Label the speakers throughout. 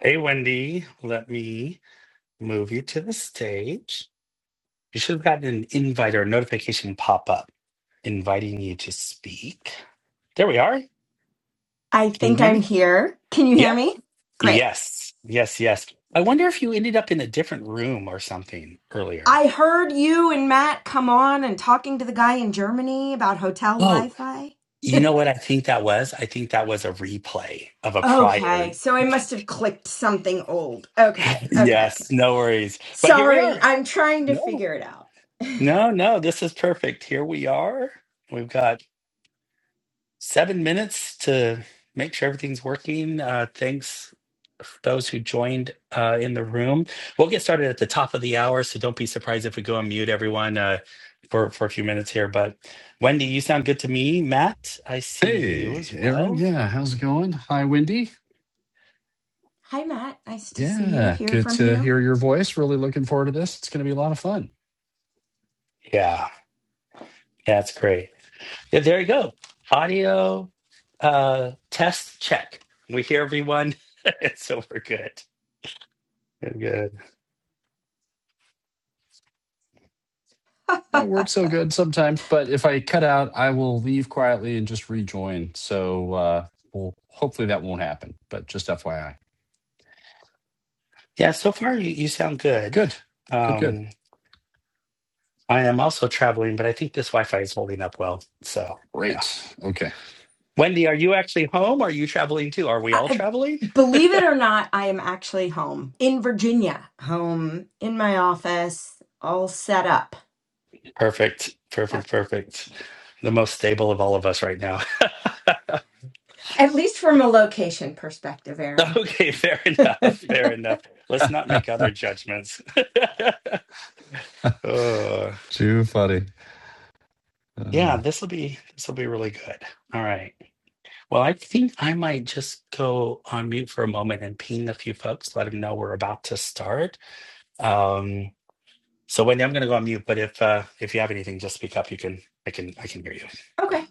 Speaker 1: Hey, Wendy, let me move you to the stage. You should have gotten an invite or notification pop up inviting you to speak. There we are.
Speaker 2: I
Speaker 1: Can you
Speaker 2: think
Speaker 1: hear
Speaker 2: I'm
Speaker 1: me?
Speaker 2: here. Can you hear
Speaker 1: Yep.
Speaker 2: me? Great.
Speaker 1: Yes. Yes. Yes. I wonder if you ended up in a different room or something earlier.
Speaker 2: I heard you and Matt come on and talking to the guy in Germany about hotel Wi
Speaker 1: Oh,
Speaker 2: Fi.
Speaker 1: you know what I think that was? I think that was a replay of a
Speaker 2: Okay,
Speaker 1: prior.
Speaker 2: so I must have clicked something old. Okay, okay, okay.
Speaker 1: Yes. No worries. But here we
Speaker 2: Sorry,
Speaker 1: are.
Speaker 2: I'm trying to
Speaker 1: No,
Speaker 2: figure it out.
Speaker 1: no, no. This is perfect. Here we are. We've got seven minutes to make sure everything's working. Uh, thanks for those who joined uh, in the room. We'll get started at the top of the hour, so don't be surprised if we go on mute, everyone, uh, for for a few minutes here. But Wendy, you sound good to me. Matt, I see you
Speaker 3: Hey,
Speaker 1: as
Speaker 3: Aaron.
Speaker 1: well.
Speaker 3: Yeah, how's it going? Hi, Wendy.
Speaker 2: Hi, Matt. Nice to see you,
Speaker 3: Yeah,
Speaker 2: hear
Speaker 3: good
Speaker 2: from
Speaker 3: to
Speaker 2: you.
Speaker 3: hear your voice. Really looking forward to this. It's going to be a lot of fun.
Speaker 1: Yeah, yeah, that's great. Yeah, there you go. Audio uh, test check. We hear everyone, so we're good. We're good.
Speaker 3: Yeah, It works so good sometimes, but if I cut out, I will leave quietly and just rejoin. So, uh, well, hopefully that won't happen, but just FYI.
Speaker 1: Yeah, so far you, you sound good.
Speaker 3: Good, good, good.
Speaker 1: Um, I am also traveling, but I think this Wi-Fi is holding up well. So, yeah.
Speaker 3: Great. Okay.
Speaker 1: Wendy, are you actually home? Are you traveling too? Are we all
Speaker 2: I,
Speaker 1: traveling?
Speaker 2: believe it or not, I am actually home in Virginia, home in my office, all set up.
Speaker 1: Perfect.
Speaker 2: Yep.
Speaker 1: Perfect. Perfect. The most stable of all of us right now.
Speaker 2: At least from a location perspective, Aaron.
Speaker 1: Okay, fair enough. Fair enough. Let's not make other judgments. uh,
Speaker 3: Too funny.
Speaker 1: yeah,
Speaker 3: Oh,
Speaker 1: this will be this will be really good. All right. Well, I think I might just go on mute for a moment and ping a few folks, let them know we're about to start. Um, So Wendy, I'm going to go on mute, but if uh, if you have anything, just speak up. You can, I can, I can hear you.
Speaker 2: Okay.
Speaker 1: But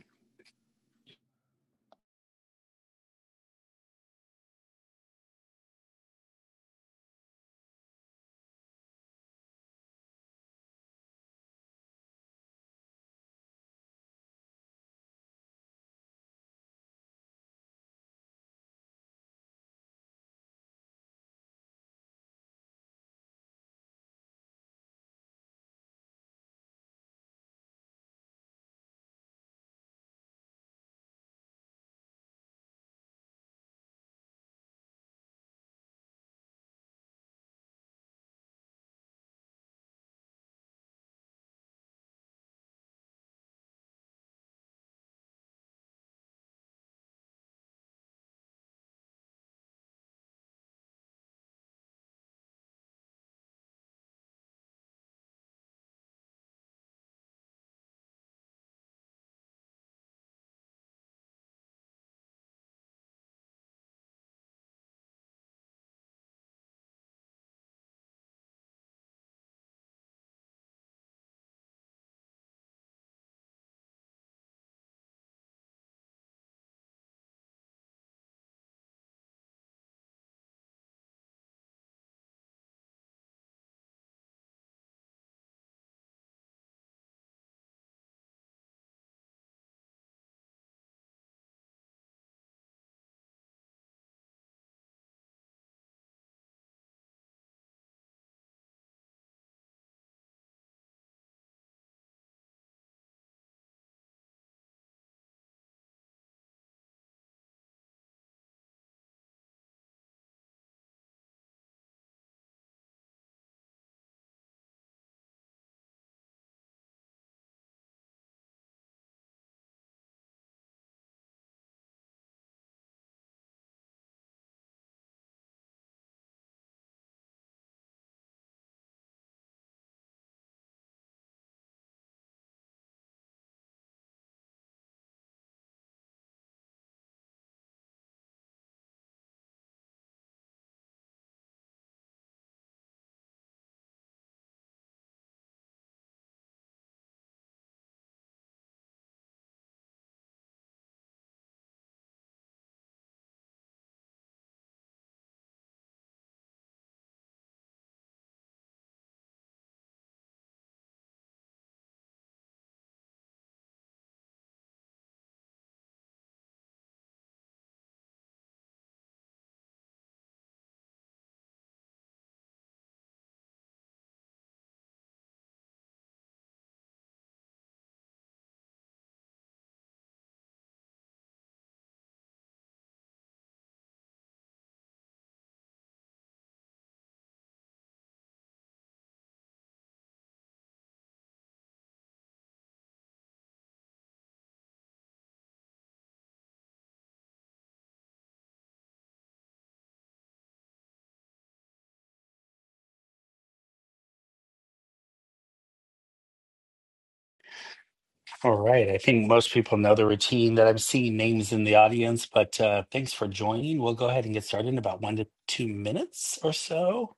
Speaker 1: all right, I think most people know the routine that I'm seeing names in the audience, but uh, thanks for joining. We'll go ahead and get started in about one to two minutes or so.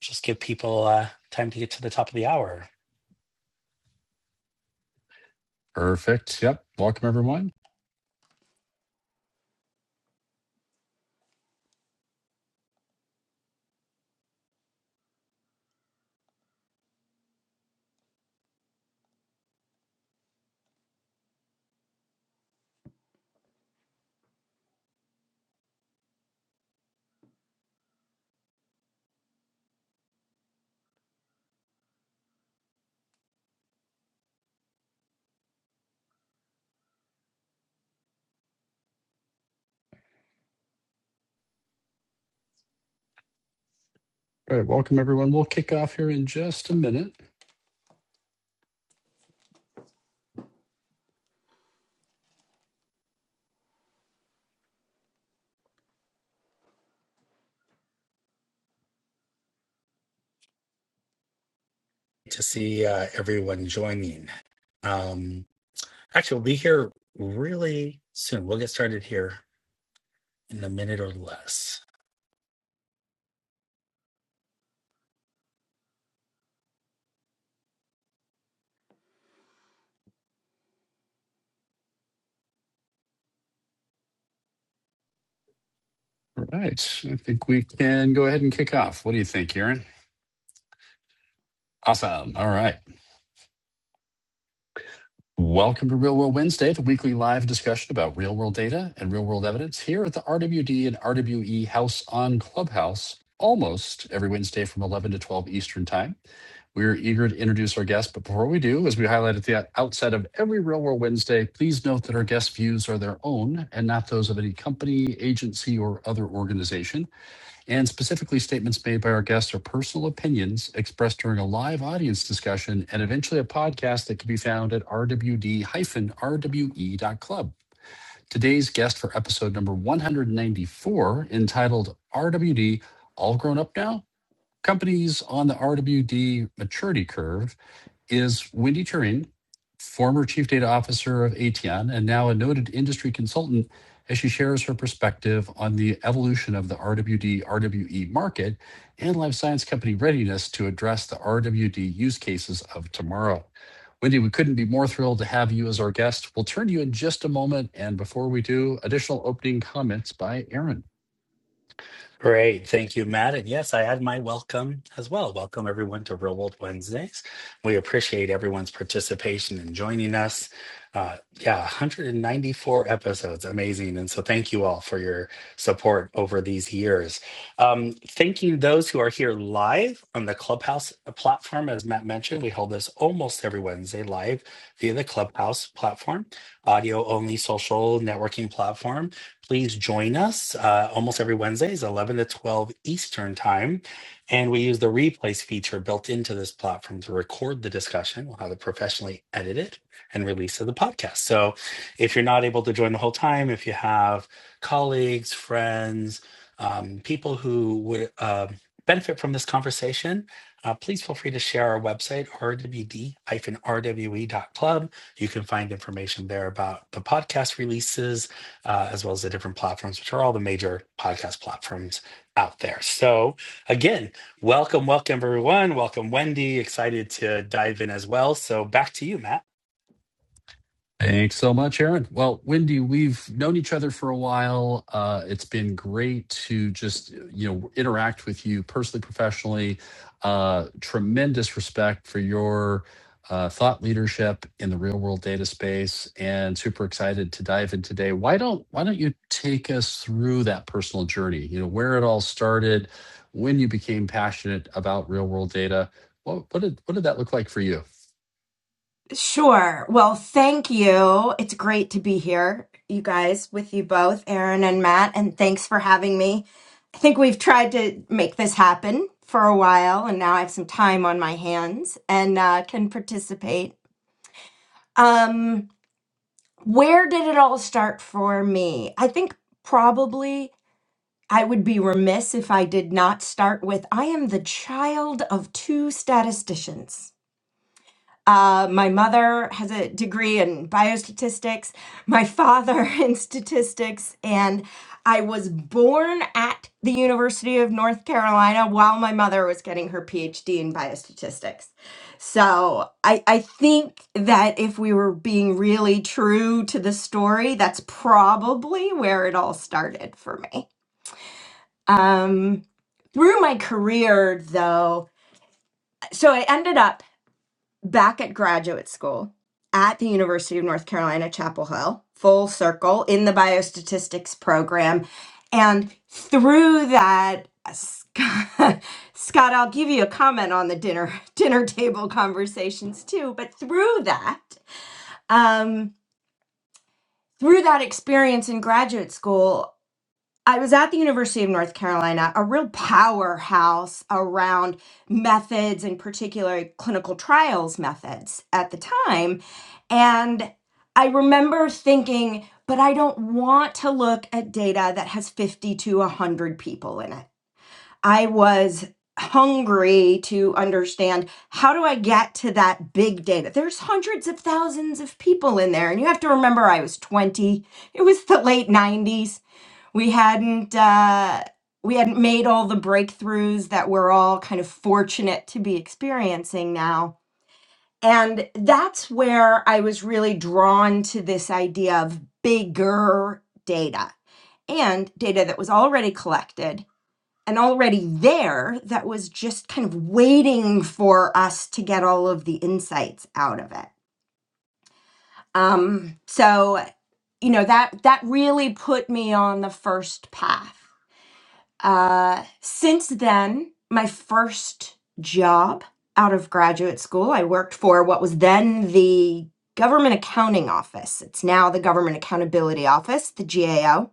Speaker 1: Just give people uh, time to get to the top of the hour.
Speaker 3: perfect. Yep. Welcome, everyone. All right. Welcome, everyone. We'll kick off here in just a minute.
Speaker 1: to see uh, everyone joining. Um, actually, we'll be here really soon. We'll get started here in a minute or less.
Speaker 3: All right. I think we can go ahead and kick off. What do you think, Aaron? Awesome. All right. Welcome to Real World Wednesday, the weekly live discussion about real world data and real world evidence here at the RWD and RWE House on Clubhouse, almost every Wednesday from 11 to 12 Eastern Time. We're eager to introduce our guests, but before we do, as we highlight at the outset of every Real World Wednesday, please note that our guest views are their own and not those of any company, agency, or other organization. And specifically, statements made by our guests are personal opinions expressed during a live audience discussion and eventually a podcast that can be found at rwd-rwe.club. Today's guest for episode number 194, entitled RWD All Grown Up Now? Companies on the RWD Maturity Curve, is Wendy Turing, former chief data officer of ATN and now a noted industry consultant as she shares her perspective on the evolution of the RWD RWE market and life science company readiness to address the RWD use cases of tomorrow. Wendy, we couldn't be more thrilled to have you as our guest. We'll turn to you in just a moment. And before we do, additional opening comments by Aaron.
Speaker 1: Great. Thank you, Matt. And yes, I had my welcome as well. Welcome, everyone, to Real World Wednesdays. We appreciate everyone's participation and joining us. Uh, yeah, 194 episodes. Amazing. And so thank you all for your support over these years. Um, thanking those who are here live on the Clubhouse platform. As Matt mentioned, we hold this almost every Wednesday live via the Clubhouse platform, audio only social networking platform. Please join us uh, almost every Wednesdays, 11 to 12 Eastern Time. And we use the replays feature built into this platform to record the discussion. We'll have it professionally edited and released to the podcast. So if you're not able to join the whole time, if you have colleagues, friends, um, people who would uh, benefit from this conversation, uh, please feel free to share our website, rwd-rwe.club. You can find information there about the podcast releases uh, as well as the different platforms, which are all the major podcast platforms out there. So, again, welcome, welcome, everyone. Welcome, Wendy. Excited to dive in as well. So, back to you, Matt.
Speaker 3: Thanks so much, Aaron. Well, Wendy, we've known each other for a while. Uh, it's been great to just you know interact with you personally, professionally. Uh, tremendous respect for your uh, thought leadership in the real world data space, and super excited to dive in today. Why don't Why don't you take us through that personal journey? You know where it all started, when you became passionate about real world data. What, what did What did that look like for you?
Speaker 2: Sure. Well, thank you. It's great to be here, you guys, with you both, Aaron and Matt, and thanks for having me. I think we've tried to make this happen for a while, and now I have some time on my hands and uh, can participate. Um, where did it all start for me? I think probably I would be remiss if I did not start with I am the child of two statisticians. Uh, my mother has a degree in biostatistics, my father in statistics, and I was born at the University of North Carolina while my mother was getting her PhD in biostatistics. So I, I think that if we were being really true to the story, that's probably where it all started for me. Um, through my career, though, so I ended up back at graduate school at the University of North Carolina, Chapel Hill, full circle in the biostatistics program. And through that, Scott, Scott, I'll give you a comment on the dinner dinner table conversations too. But through that, um, through that experience in graduate school, I was at the University of North Carolina, a real powerhouse around methods and particularly clinical trials methods at the time. And I remember thinking, but I don't want to look at data that has 50 to 100 people in it. I was hungry to understand how do I get to that big data? There's hundreds of thousands of people in there. And you have to remember, I was 20, it was the late 90s we hadn't uh, we hadn't made all the breakthroughs that we're all kind of fortunate to be experiencing now and that's where i was really drawn to this idea of bigger data and data that was already collected and already there that was just kind of waiting for us to get all of the insights out of it um, so you know that that really put me on the first path Uh, since then, my first job out of graduate school, I worked for what was then the Government Accounting Office. It's now the Government Accountability Office, the GAO.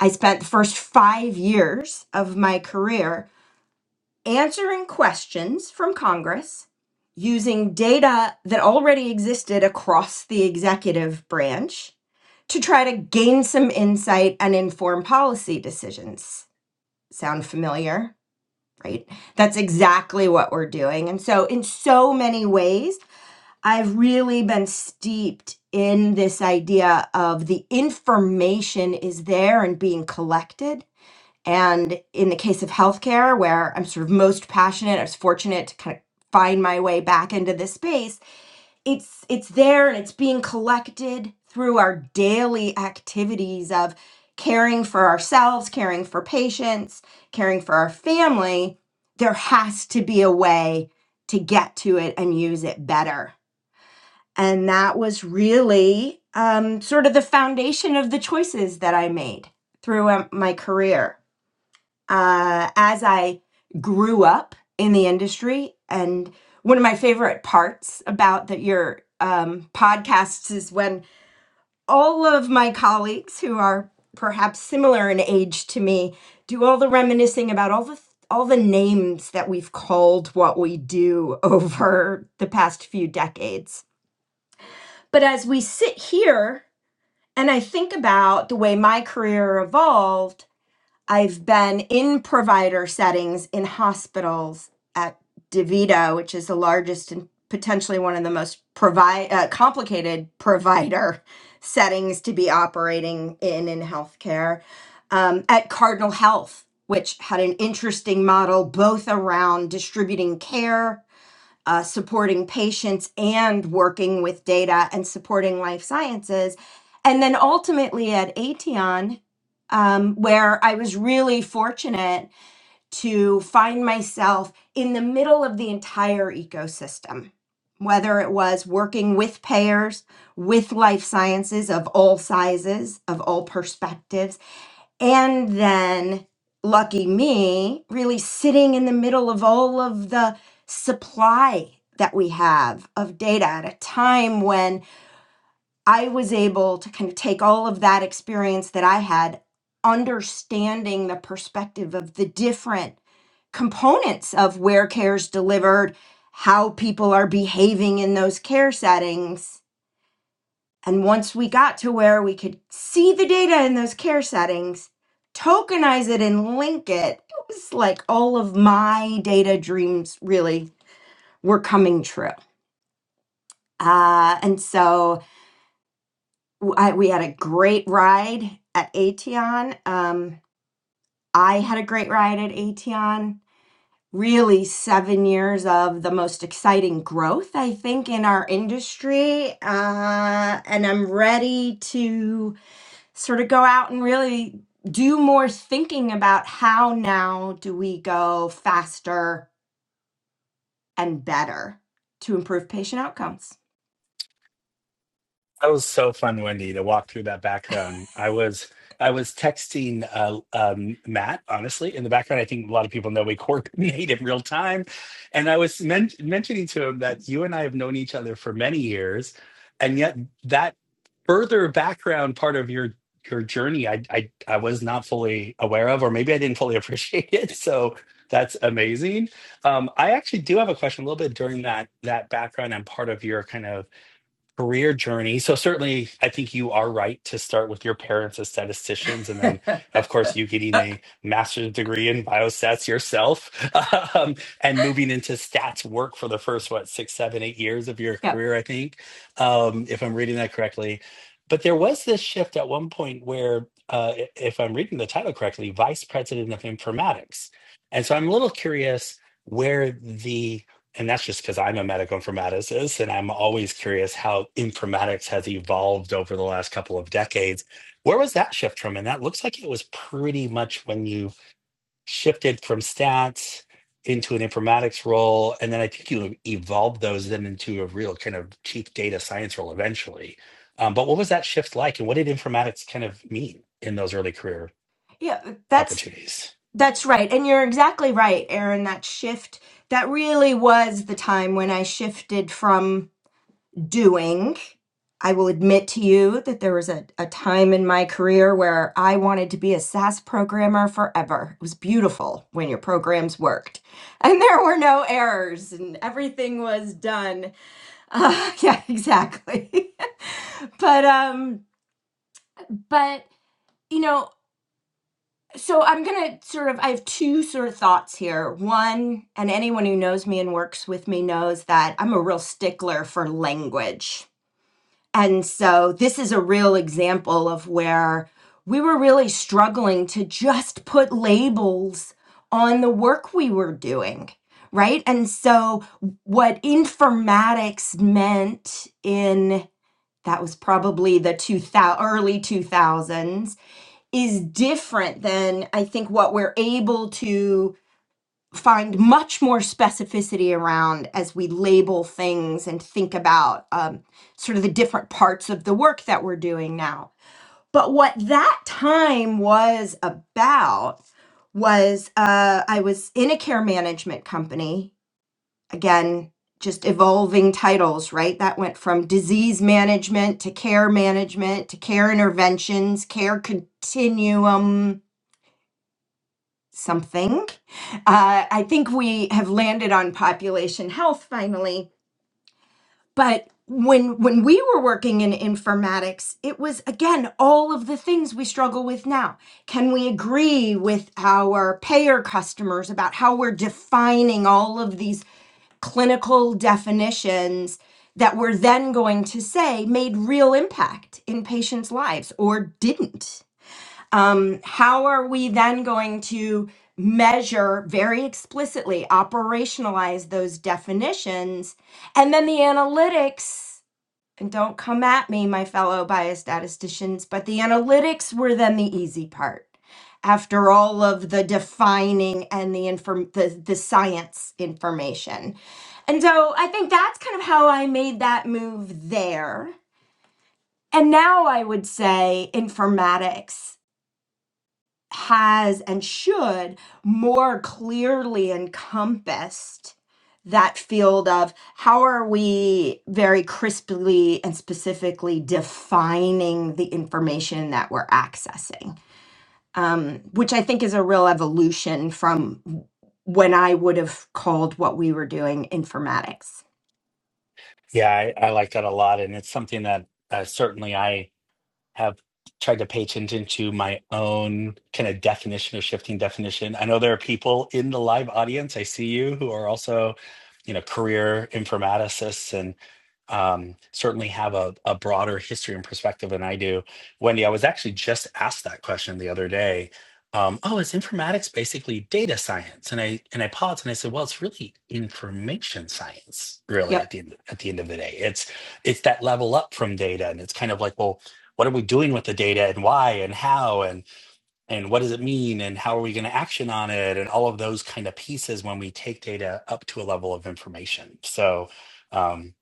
Speaker 2: I spent the first five years of my career answering questions from Congress using data that already existed across the executive branch to try to gain some insight and inform policy decisions. Sound familiar? right? That's exactly what we're doing. And so, in so many ways, I've really been steeped in this idea of the information is there and being collected. And in the case of healthcare, where I'm sort of most passionate, I was fortunate to kind of find my way back into this space it's it's there and it's being collected through our daily activities of caring for ourselves, caring for patients, caring for our family. There has to be a way to get to it and use it better. And that was really um, sort of the foundation of the choices that I made throughout my career uh, as I grew up in the industry. And one of my favorite parts about the, your um, podcasts is when all of my colleagues who are perhaps similar in age to me do all the reminiscing about all the all the names that we've called what we do over the past few decades. But as we sit here and I think about the way my career evolved, I've been in provider settings in hospitals at DeVito, which is the largest and potentially one of the most provide uh, complicated provider settings to be operating in in healthcare. Um, at Cardinal Health, which had an interesting model both around distributing care uh, supporting patients and working with data and supporting life sciences. And then ultimately at Aetion, um, where I was really fortunate to find myself in the middle of the entire ecosystem, whether it was working with payers, with life sciences of all sizes, of all perspectives and then lucky me really sitting in the middle of all of the supply that we have of data at a time when I was able to kind of take all of that experience that I had, understanding the perspective of the different components of where care is delivered, how people are behaving in those care settings, and once we got to where we could see the data in those care settings, tokenize it and link it, it was like all of my data dreams really were coming true. Uh, and so w- I, we had a great ride at Aetion. Um, I had a great ride at Aetion. Really, seven years of the most exciting growth, I think, in our industry. Uh, and I'm ready to sort of go out and really do more thinking about how now do we go faster and better to improve patient outcomes.
Speaker 1: That was so fun, Wendy, to walk through that background. I was I was texting uh, um, Matt, honestly, in the background. I think a lot of people know we coordinate in real time, and I was men- mentioning to him that you and I have known each other for many years, and yet that further background part of your your journey, I I, I was not fully aware of, or maybe I didn't fully appreciate it. So that's amazing. Um, I actually do have a question a little bit during that that background and part of your kind of career journey. So certainly, I think you are right to start with your parents as statisticians, and then, of course, you getting a master's degree in biostats yourself, um, and moving into stats work for the first what six, seven, eight years of your
Speaker 2: Yep.
Speaker 1: career. I think, um, if I'm reading that correctly. But there was this shift at one point where, uh, i- if I'm reading the title correctly, vice president of informatics. And so I'm a little curious where the and that's just because I'm a medical informaticist and I'm always curious how informatics has evolved over the last couple of decades. Where was that shift from? And that looks like it was pretty much when you shifted from stats into an informatics role. And then I think you evolved those then into a real kind of chief data science role eventually. Um, but what was that shift like? And what did informatics kind of mean in those early career
Speaker 2: Yeah, that's
Speaker 1: opportunities?
Speaker 2: that's right. And you're exactly right, Aaron, that shift that really was the time when I shifted from. doing. I will admit to you that there was a, a time in my career where I wanted to be a SaaS programmer forever. It was beautiful when your programs worked and there were no errors and everything was done. Uh, yeah, exactly. but, um, but, you know, so I'm going to sort of, I have two sort of thoughts here. One, and anyone who knows me and works with me knows that I'm a real stickler for language And so this is a real example of where we were really struggling to just put labels on the work we were doing, right? And so what informatics meant in that was probably the 2000 early 2000s is different than I think what we're able to find much more specificity around as we label things and think about um, sort of the different parts of the work that we're doing now. But what that time was about was uh, I was in a care management company, again, just evolving titles, right? That went from disease management to care management to care interventions, care continuum something. Uh, I think we have landed on population health finally, but when when we were working in informatics, it was again all of the things we struggle with now. Can we agree with our payer customers about how we're defining all of these clinical definitions that we're then going to say made real impact in patients' lives or didn't? um, how are we then going to measure very explicitly, operationalize those definitions? And then the analytics, and don't come at me, my fellow biostatisticians, but the analytics were then the easy part. After all of the defining and the inform the, the science information. And so I think that's kind of how I made that move there. And now I would say informatics has and should more clearly encompassed that field of how are we very crisply and specifically defining the information that we're accessing, um, which I think is a real evolution from when I would have called what we were doing informatics.
Speaker 1: Yeah, I, I like that a lot. And it's something that uh, certainly I have tried to pay attention to my own kind of definition or shifting definition. I know there are people in the live audience, I see you, who are also, you know, career informaticists and um, certainly have a, a broader history and perspective than I do. Wendy, I was actually just asked that question the other day. Um, oh, is informatics basically data science? And I and I paused and I said, well, it's really information science, really. At
Speaker 2: Yep.
Speaker 1: the end, at the end of the day, it's it's that level up from data, and it's kind of like, well, what are we doing with the data and why and how and and what does it mean and how are we going to action on it and all of those kind of pieces when we take data up to a level of information so um,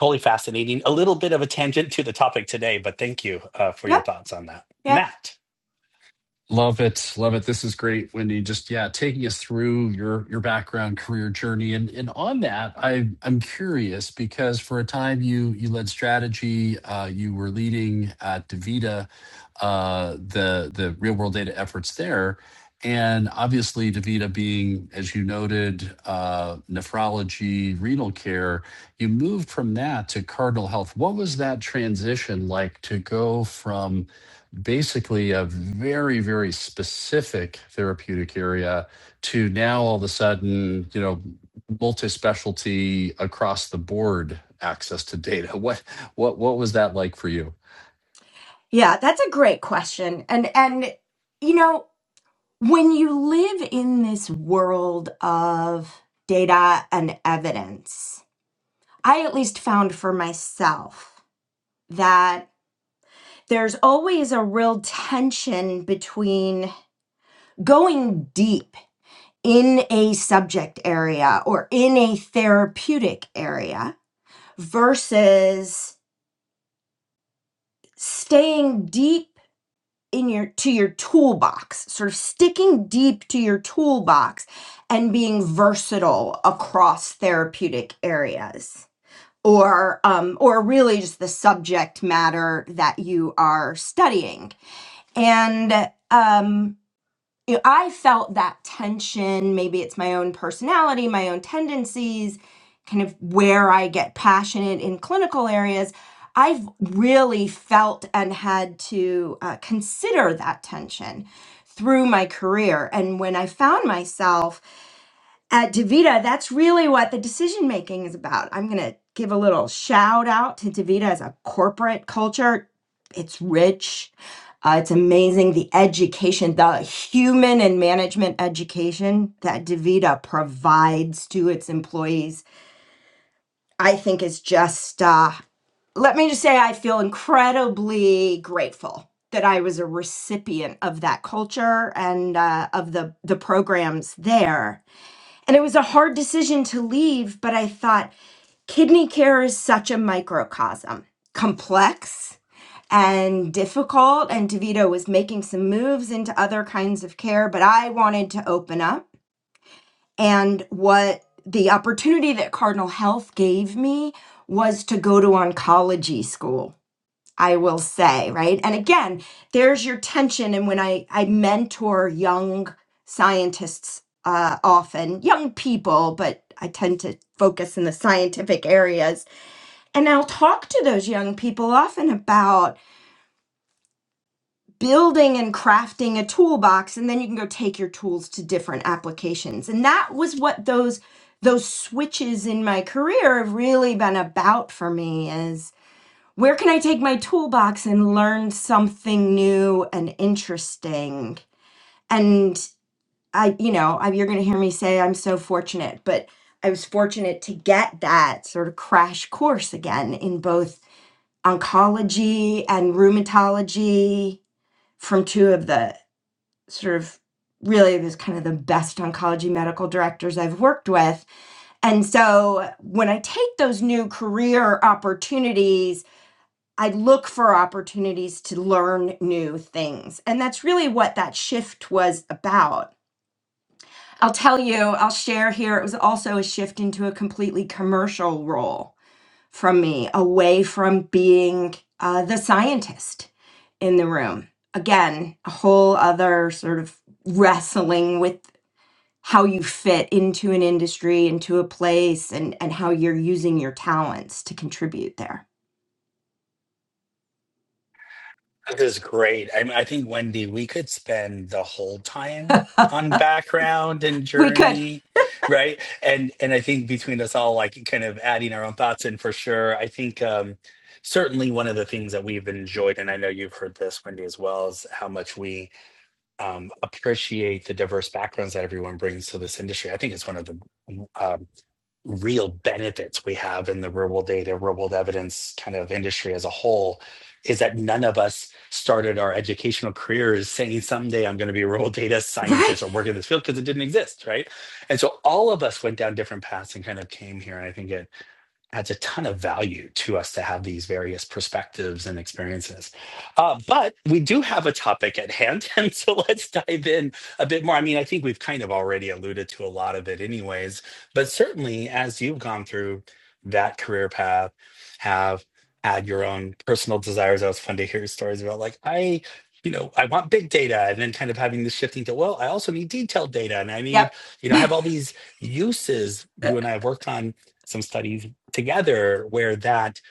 Speaker 1: totally fascinating a little bit of a tangent to the topic today but thank you uh, for your
Speaker 2: Yep.
Speaker 1: thoughts on that
Speaker 2: Yep.
Speaker 1: matt
Speaker 3: Love it. Love it. This is great, Wendy. Just yeah, taking us through your your background career journey. And and on that, I I'm curious because for a time you you led strategy, uh, you were leading at DaVita uh the the real world data efforts there. And obviously DaVita being, as you noted, uh nephrology, renal care, you moved from that to Cardinal Health. What was that transition like to go from basically a very very specific therapeutic area to now all of a sudden you know multi-specialty across the board access to data what what what was that like for you
Speaker 2: Yeah, that's a great question. And, and, you know, when you live in this world of data and evidence, I at least found for myself that there's always a real tension between going deep in a subject area or in a therapeutic area versus staying deep in your to your toolbox sort of sticking deep to your toolbox and being versatile across therapeutic areas or um, or really just the subject matter that you are studying and um, you know, I felt that tension. Maybe it's my own personality, my own tendencies, kind of where I get passionate in clinical areas. I've really felt and had to uh, consider that tension through my career. And when I found myself, at Davita, that's really what the decision making is about. I'm going to give a little shout out to Davita as a corporate culture. It's rich. Uh, it's amazing the education, the human and management education that Davita provides to its employees. I think is just, uh, let me just say, I feel incredibly grateful that I was a recipient of that culture and uh, of the, the programs there and it was a hard decision to leave, but I thought kidney care is such a microcosm, complex and difficult. And DeVito was making some moves into other kinds of care, but I wanted to open up. And what the opportunity that Cardinal Health gave me was to go to oncology school. I will say, right? And again, there's your tension. And when I, I mentor young scientists uh, often, young people, but I tend to focus in the scientific areas. And I'll talk to those young people often about building and crafting a toolbox, and then you can go take your tools to different applications. And that was what those those switches in my career have really been about for me where can I take my toolbox and learn something new and interesting? And I, you know, I, you're going to hear me say I'm so fortunate, but I was fortunate to get that sort of crash course again in both oncology and rheumatology from two of the sort of really was kind of the best oncology medical directors I've worked with. And so when I take those new career opportunities, I look for opportunities to learn new things. And that's really what that shift was about. I'll tell you, I'll share here, it was also a shift into a completely commercial role from me, away from being uh, the scientist in the room. Again, a whole other sort of wrestling with how you fit into an industry, into a place, and, and how you're using your talents to contribute there.
Speaker 1: That is great. I mean, I think Wendy, we could spend the whole time on background and
Speaker 2: We could,
Speaker 1: journey, right? And and I think between us all, like kind of adding our own thoughts in for sure. I think um, certainly one of the things that we've enjoyed, and I know you've heard this, Wendy, as well, is how much we um, appreciate the diverse backgrounds that everyone brings to this industry. I think it's one of the um, real benefits we have in the real world data, real world evidence kind of industry as a whole is that none of us started our educational careers saying someday I'm going to be a real world data scientist
Speaker 2: right?
Speaker 1: or work in this field because it didn't exist, right? And so all of us went down different paths and kind of came here. And I think it adds a ton of value to us to have these various perspectives and experiences. Uh, but we do have a topic at hand. And so let's dive in a bit more. I mean, I think we've kind of already alluded to a lot of it, anyways. But certainly, as you've gone through that career path, have had your own personal desires. That was fun to hear stories about, like, I. You know, I want big data, and then kind of having this shifting to, well, I also need detailed data, and I need,
Speaker 2: Yep.
Speaker 1: you know, I have all these uses you and I have worked on some studies together where that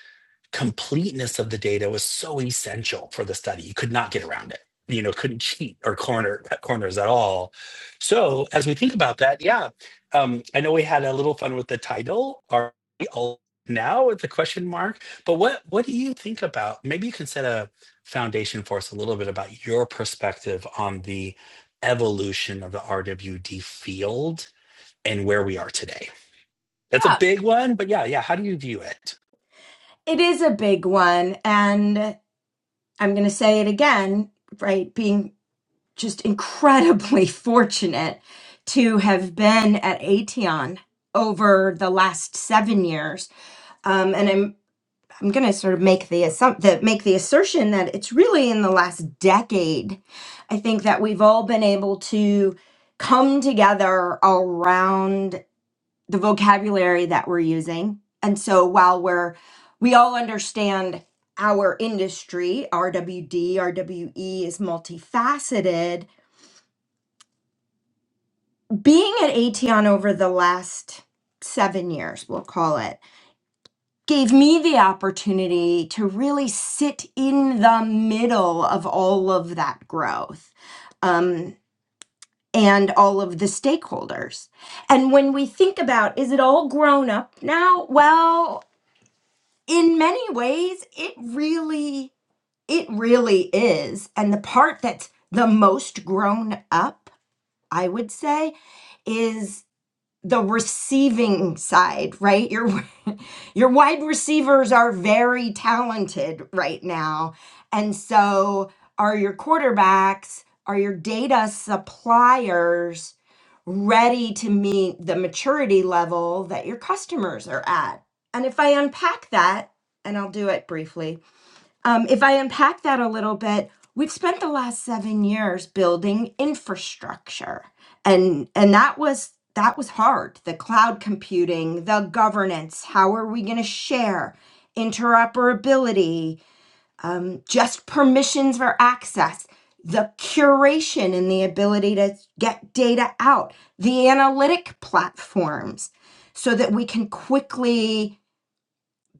Speaker 1: completeness of the data was so essential for the study. You could not get around it. You know, couldn't cheat or corner cut corners at all. So as we think about that, yeah, um, I know we had a little fun with the title. Are we all now with the question mark? But what what do you think about? Maybe you can set a foundation for us a little bit about your perspective on the evolution of the RWD field and where we are today. That's a big one, but yeah, yeah. How do you view it?
Speaker 2: It is a big one. And I'm going to say it again, right? Being just incredibly fortunate to have been at Aetion over the last seven years. Um, and I'm, I'm going to sort of make the, assump- that make the assertion that it's really in the last decade. I think that we've all been able to come together around the vocabulary that we're using. And so while we're, we all understand our industry, RWD, RWE is multifaceted. Being at Aetion over the last seven years, we'll call it, gave me the opportunity to really sit in the middle of all of that growth. Um, and all of the stakeholders. And when we think about, is it all grown up now? Well, in many ways it really it really is and the part that's the most grown up i would say is the receiving side right your your wide receivers are very talented right now and so are your quarterbacks are your data suppliers ready to meet the maturity level that your customers are at. And if I unpack that, and I'll do it briefly, um, if I unpack that a little bit, we've spent the last seven years building infrastructure, and and that was that was hard. The cloud computing, the governance, how are we going to share? interoperability um, just permissions for access, the curation and the ability to get data out, the analytic platforms, so that we can quickly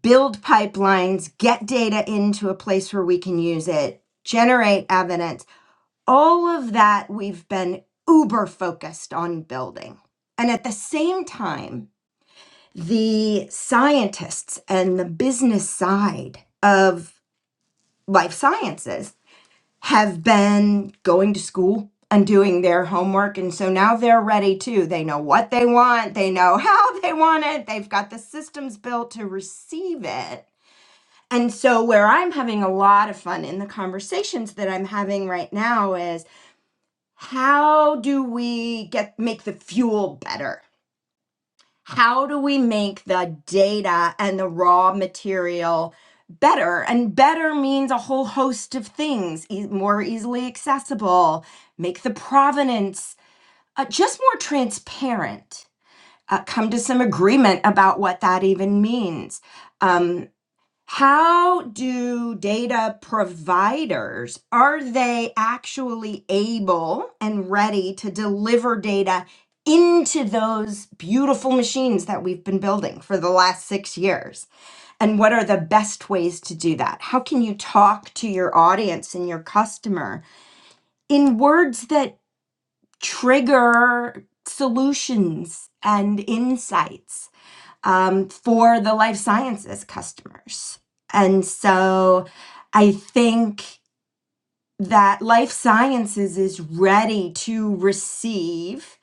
Speaker 2: build pipelines, get data into a place where we can use it, generate evidence. All of that we've been uber focused on building. And at the same time, the scientists and the business side of life sciences have been going to school and doing their homework. And so now they're ready too. They know what they want, they know how they want it, they've got the systems built to receive it. And so, where I'm having a lot of fun in the conversations that I'm having right now is how do we get make the fuel better? how do we make the data and the raw material better? And better means a whole host of things e- more easily accessible, make the provenance uh, just more transparent, uh, come to some agreement about what that even means. Um, how do data providers are they actually able and ready to deliver data into those beautiful machines that we've been building for the last 6 years and what are the best ways to do that how can you talk to your audience and your customer in words that trigger solutions and insights um, for the life sciences customers. And so I think that life sciences is ready to receive,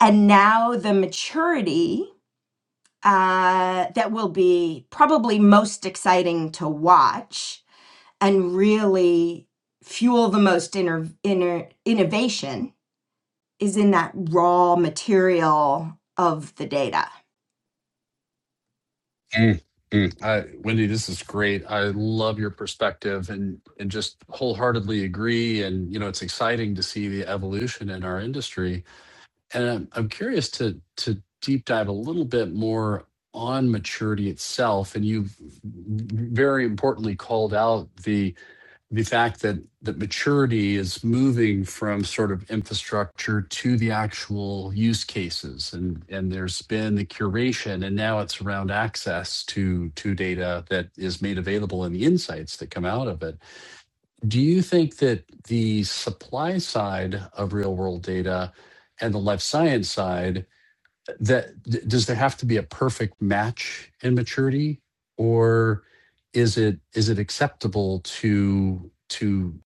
Speaker 2: and now the maturity uh, that will be probably most exciting to watch and really fuel the most inner, inner innovation is in that raw material of the data.
Speaker 3: Mm, mm. I, wendy this is great i love your perspective and and just wholeheartedly agree and you know it's exciting to see the evolution in our industry and I'm, I'm curious to to deep dive a little bit more on maturity itself and you've very importantly called out the the fact that that maturity is moving from sort of infrastructure to the actual use cases and and there's been the curation and now it's around access to to data that is made available and the insights that come out of it do you think that the supply side of real world data and the life science side that does there have to be a perfect match in maturity or is it is it acceptable to to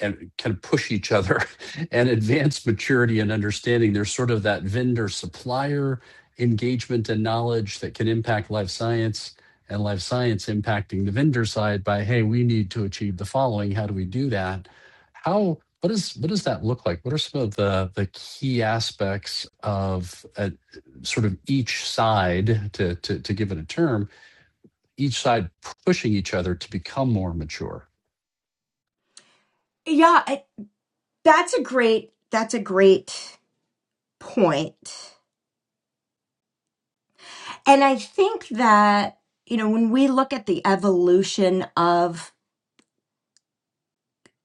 Speaker 3: and kind of push each other and advance maturity and understanding there's sort of that vendor supplier engagement and knowledge that can impact life science and life science impacting the vendor side by hey we need to achieve the following how do we do that how what is what does that look like what are some of the the key aspects of uh, sort of each side, to to to give it a term, each side pushing each other to become more mature.
Speaker 2: Yeah, I, that's a great that's a great point. And I think that, you know, when we look at the evolution of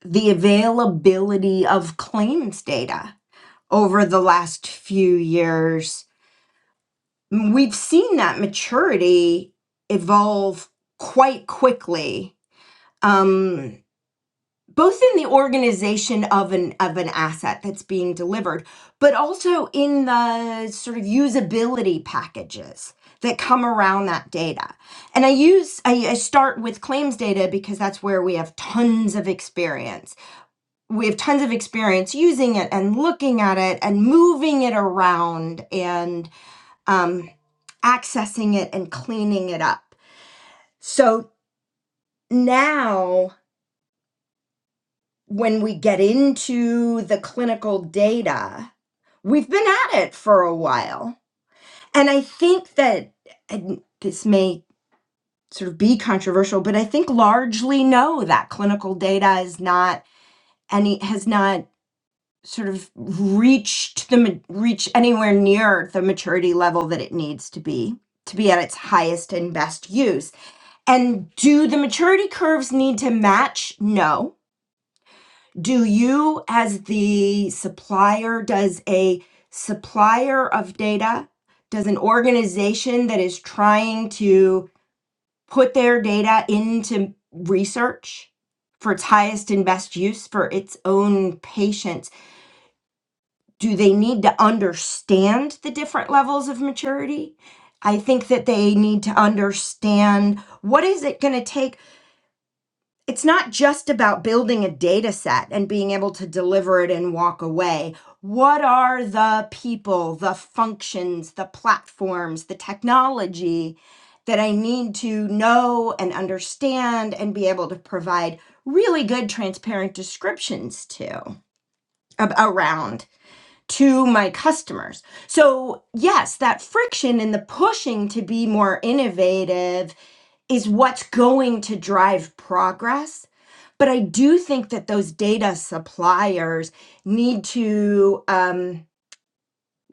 Speaker 2: the availability of claims data over the last few years, we've seen that maturity evolve quite quickly. Um, both in the organization of an of an asset that's being delivered but also in the sort of usability packages that come around that data and i use I, I start with claims data because that's where we have tons of experience we have tons of experience using it and looking at it and moving it around and um, accessing it and cleaning it up so now when we get into the clinical data, we've been at it for a while. And I think that, and this may sort of be controversial, but I think largely no, that clinical data is not any, has not sort of reached the, ma- reach anywhere near the maturity level that it needs to be to be at its highest and best use. And do the maturity curves need to match? No Do you, as the supplier, does a supplier of data, does an organization that is trying to put their data into research for its highest and best use for its own patients, do they need to understand the different levels of maturity? I think that they need to understand what is it going to take it's not just about building a data set and being able to deliver it and walk away. What are the people, the functions, the platforms, the technology that I need to know and understand and be able to provide really good, transparent descriptions to ab- around to my customers? So, yes, that friction and the pushing to be more innovative is what's going to drive progress. But I do think that those data suppliers need to, um,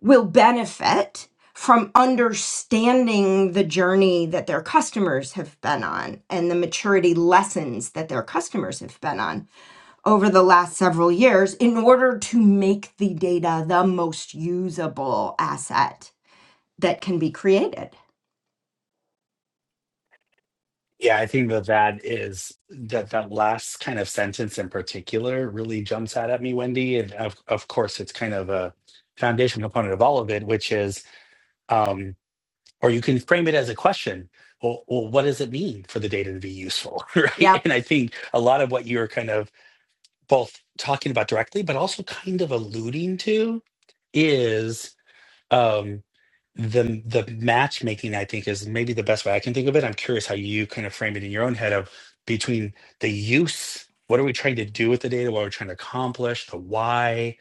Speaker 2: will benefit from understanding the journey that their customers have been on and the maturity lessons that their customers have been on over the last several years in order to make the data the most usable asset that can be created.
Speaker 1: Yeah, I think that that is that that last kind of sentence in particular really jumps out at me, Wendy. And of of course, it's kind of a foundation component of all of it, which is, um, or you can frame it as a question. Well, well, what does it mean for the data to be useful, right?
Speaker 2: Yep.
Speaker 1: And I think a lot of what you're kind of both talking about directly, but also kind of alluding to, is. Um, the the matchmaking I think is maybe the best way I can think of it. I'm curious how you kind of frame it in your own head of between the use, what are we trying to do with the data, what are we trying to accomplish, the why.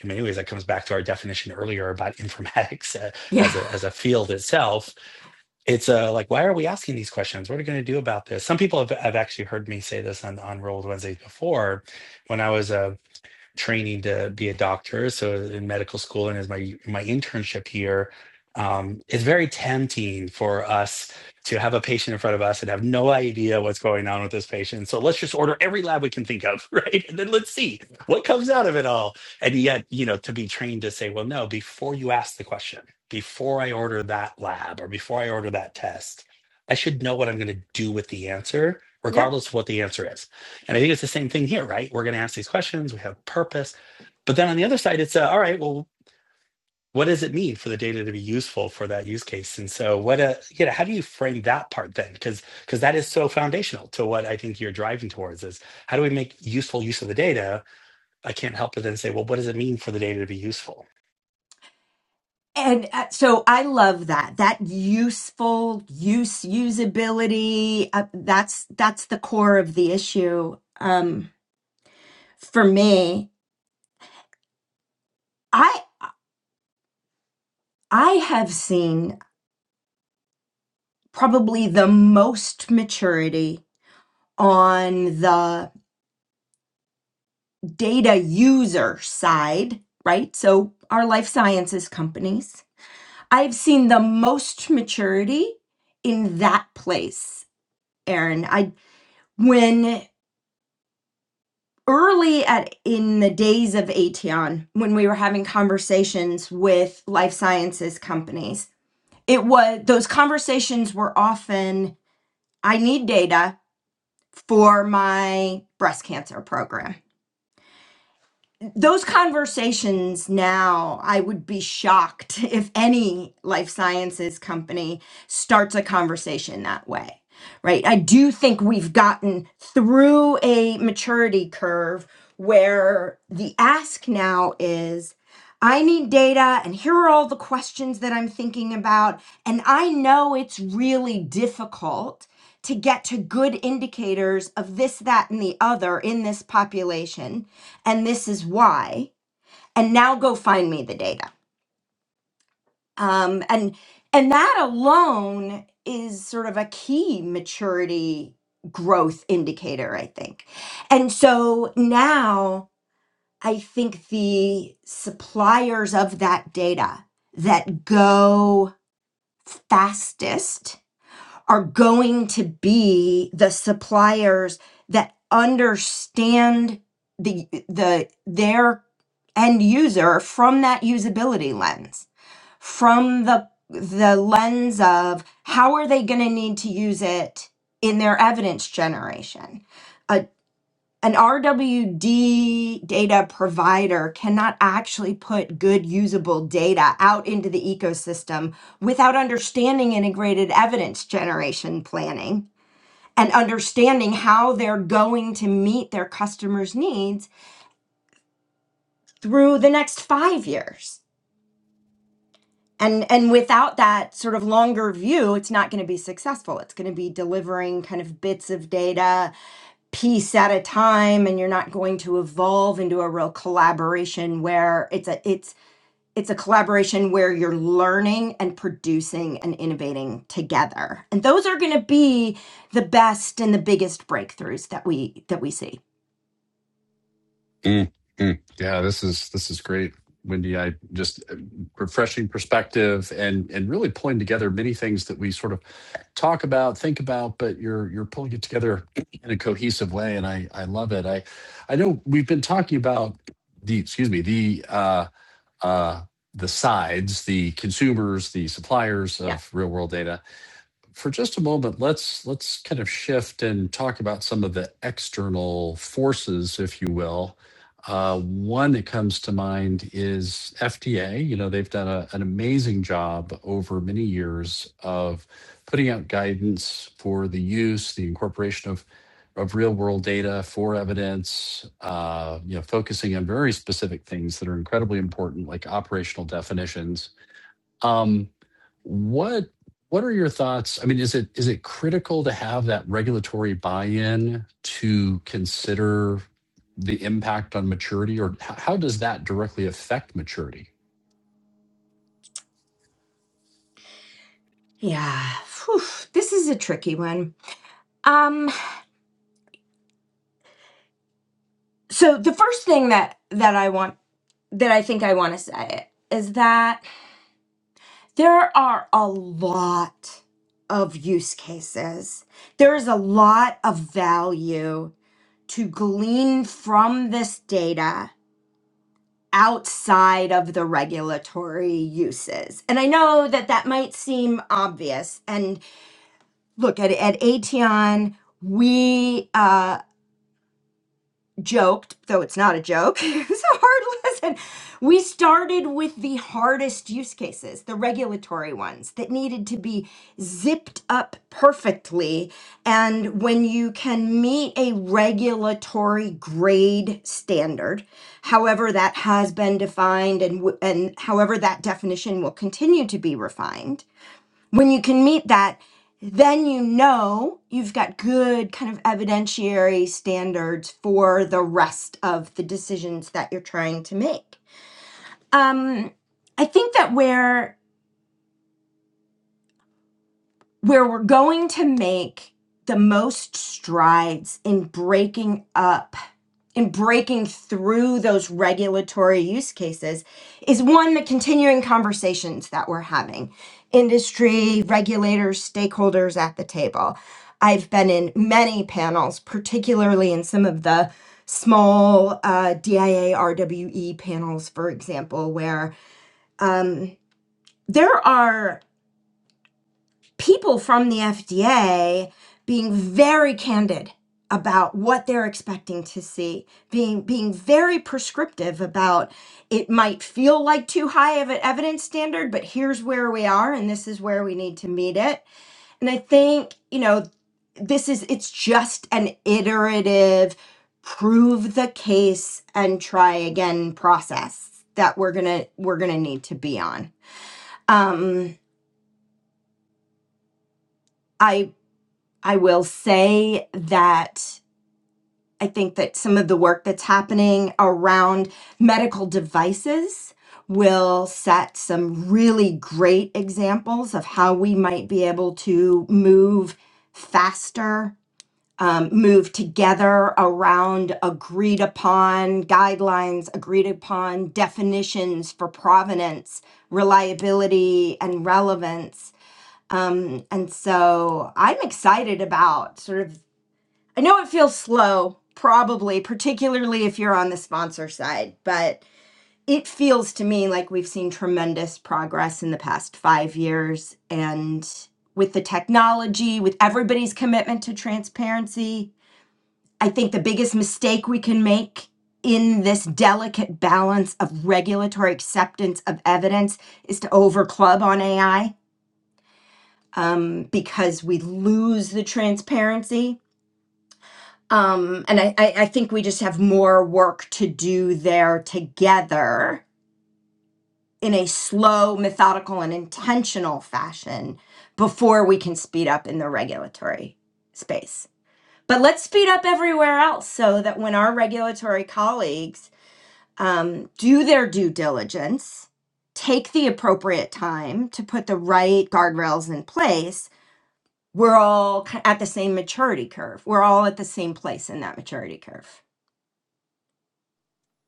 Speaker 1: In many ways, that comes back to our definition earlier about informatics uh, as
Speaker 2: Yeah.
Speaker 1: a as a field itself. It's uh, like why are we asking these questions? What are we going to do about this? Some people have, have actually heard me say this on on Rolled Wednesdays before, when I was uh, training to be a doctor, so in medical school and as my my internship here, um, it's very tempting for us to have a patient in front of us and have no idea what's going on with this patient. So let's just order every lab we can think of, right? And then let's see what comes out of it all. And yet, you know, to be trained to say, well, no, before you ask the question, before I order that lab or before I order that test, I should know what I'm going to do with the answer,
Speaker 2: Yep.
Speaker 1: regardless of what the answer is and I think it's the same thing here, right? We're going to ask these questions, we have purpose. But then on the other side, it's uh, all right, well, what does it mean for the data to be useful for that use case? And so what a you know, how do you frame that part then? Because because that is so foundational to what I think you're driving towards is how do we make useful use of the data? I can't help but then say, well, what does it mean for the data to be useful?
Speaker 2: And uh, so I love that. That useful use usability uh, that's that's the core of the issue. Um for me, I I have seen probably the most maturity on the. data user side, right? So our life sciences companies. I've seen the most maturity in that place, Aaron. I when early at in the days of Aetion, when we were having conversations with life sciences companies, it was those conversations were often I need data for my breast cancer program those conversations now, I would be shocked if any life sciences company starts a conversation that way, right? I do think we've gotten through a maturity curve where the ask now is I need data, and here are all the questions that I'm thinking about. And I know it's really difficult to get to good indicators of this, that, and the other in this population and this is why and now go find me the data um, and and that alone is sort of a key maturity growth indicator i think and so now i think the suppliers of that data that go fastest are going to be the suppliers that understand the the their end user from that usability lens, from the the lens of how are they going to need to use it in their evidence generation. A, an RWD data provider cannot actually put good usable data out into the ecosystem without understanding integrated evidence generation planning and understanding how they're going to meet their customers' needs through the next five years and and without that sort of longer view it's not going to be successful it's going to be delivering kind of bits of data piece at a time and you're not going to evolve into a real collaboration where it's a it's it's a collaboration where you're learning and producing and innovating together and those are going to be the best and the biggest breakthroughs that we that we see
Speaker 3: Mm, mm. Yeah, this is this is great, Wendy. I just uh, refreshing perspective and and really pulling together many things that we sort of talk about, think about, but you're you're pulling it together in a cohesive way, and I I love it. I I know we've been talking about the excuse me the uh, uh, the sides, the consumers, the suppliers
Speaker 2: yeah
Speaker 3: of real world data, for just a moment, let's let's kind of shift and talk about some of the external forces, if you will. Uh, one that comes to mind is FDA. You know, they've done a, an amazing job over many years of putting out guidance for the use, the incorporation of of real world data for evidence. Uh, you know, focusing on very specific things that are incredibly important, like operational definitions um, what what are your thoughts? I mean, is it is it critical to have that regulatory buy-in to consider the impact on maturity, or h- how does that directly affect maturity?
Speaker 2: yeah Phew, this is a tricky one um so the first thing that that i want that I think I want to say is that there are a lot of use cases. There is a lot of value to glean from this data outside of the regulatory uses. And I know that that might seem obvious. And look, at, at Aetion, we uh, joked, though it's not a joke, it was a hard lesson. We started with the hardest use cases, the regulatory ones that needed to be zipped up perfectly. And when you can meet a regulatory grade standard, however that has been defined and, w- and however that definition will continue to be refined, when you can meet that, then you know you've got good kind of evidentiary standards for the rest of the decisions that you're trying to make. Um, I think that where where we're going to make the most strides in breaking up In breaking through those regulatory use cases is one, the continuing conversations that we're having, industry, regulators, stakeholders at the table. I've been in many panels, particularly in some of the small uh, DIA RWE panels, for example, where um, there are people from the FDA being very candid about what they're expecting to see, being being very prescriptive about it might feel like too high of an evidence standard, but here's where we are and this is where we need to meet it. And I think, you know, this is it's just an iterative prove the case and try again process that we're going to we're going to need to be on. Um I I will say that I think that some of the work that's happening around medical devices will set some really great examples of how we might be able to move faster, um, move together around agreed upon guidelines, agreed upon definitions for provenance, reliability, and relevance. Um, and so I'm excited about sort of I know it feels slow, probably, particularly if you're on the sponsor side, but it feels to me like we've seen tremendous progress in the past five years. And with the technology, with everybody's commitment to transparency, I think the biggest mistake we can make in this delicate balance of regulatory acceptance of evidence is to overclub on AI um, because we lose the transparency Um, and I, I, I think we just have more work to do there together in a slow, methodical, and intentional fashion before we can speed up in the regulatory space. But let's speed up everywhere else so that when our regulatory colleagues um, do their due diligence, take the appropriate time to put the right guardrails in place, we're all ki- at the same maturity curve. We're all at the same place in that maturity curve.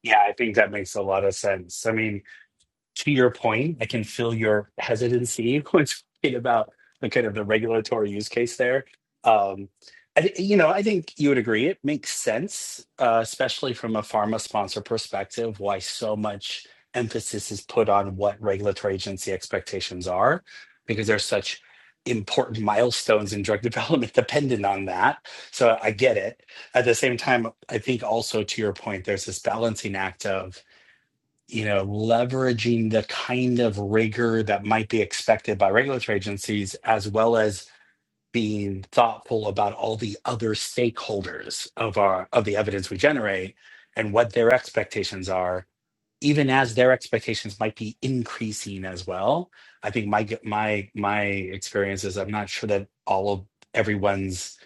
Speaker 1: Yeah, I think that makes a lot of sense. I mean, to your point, I can feel your hesitancy when speaking about the kind of the regulatory use case there. Um, I, thi- you know, I think you would agree it makes sense, uh, especially from a pharma sponsor perspective, why so much emphasis is put on what regulatory agency expectations are, because there's such important milestones in drug development dependent on that. So I get it. At the same time, I think also to your point, there's this balancing act of you know, leveraging the kind of rigor that might be expected by regulatory agencies, as well as being thoughtful about all the other stakeholders of our of the evidence we generate and what their expectations are even as their expectations might be increasing as well. I think my my my experience is I'm not sure that all of everyone's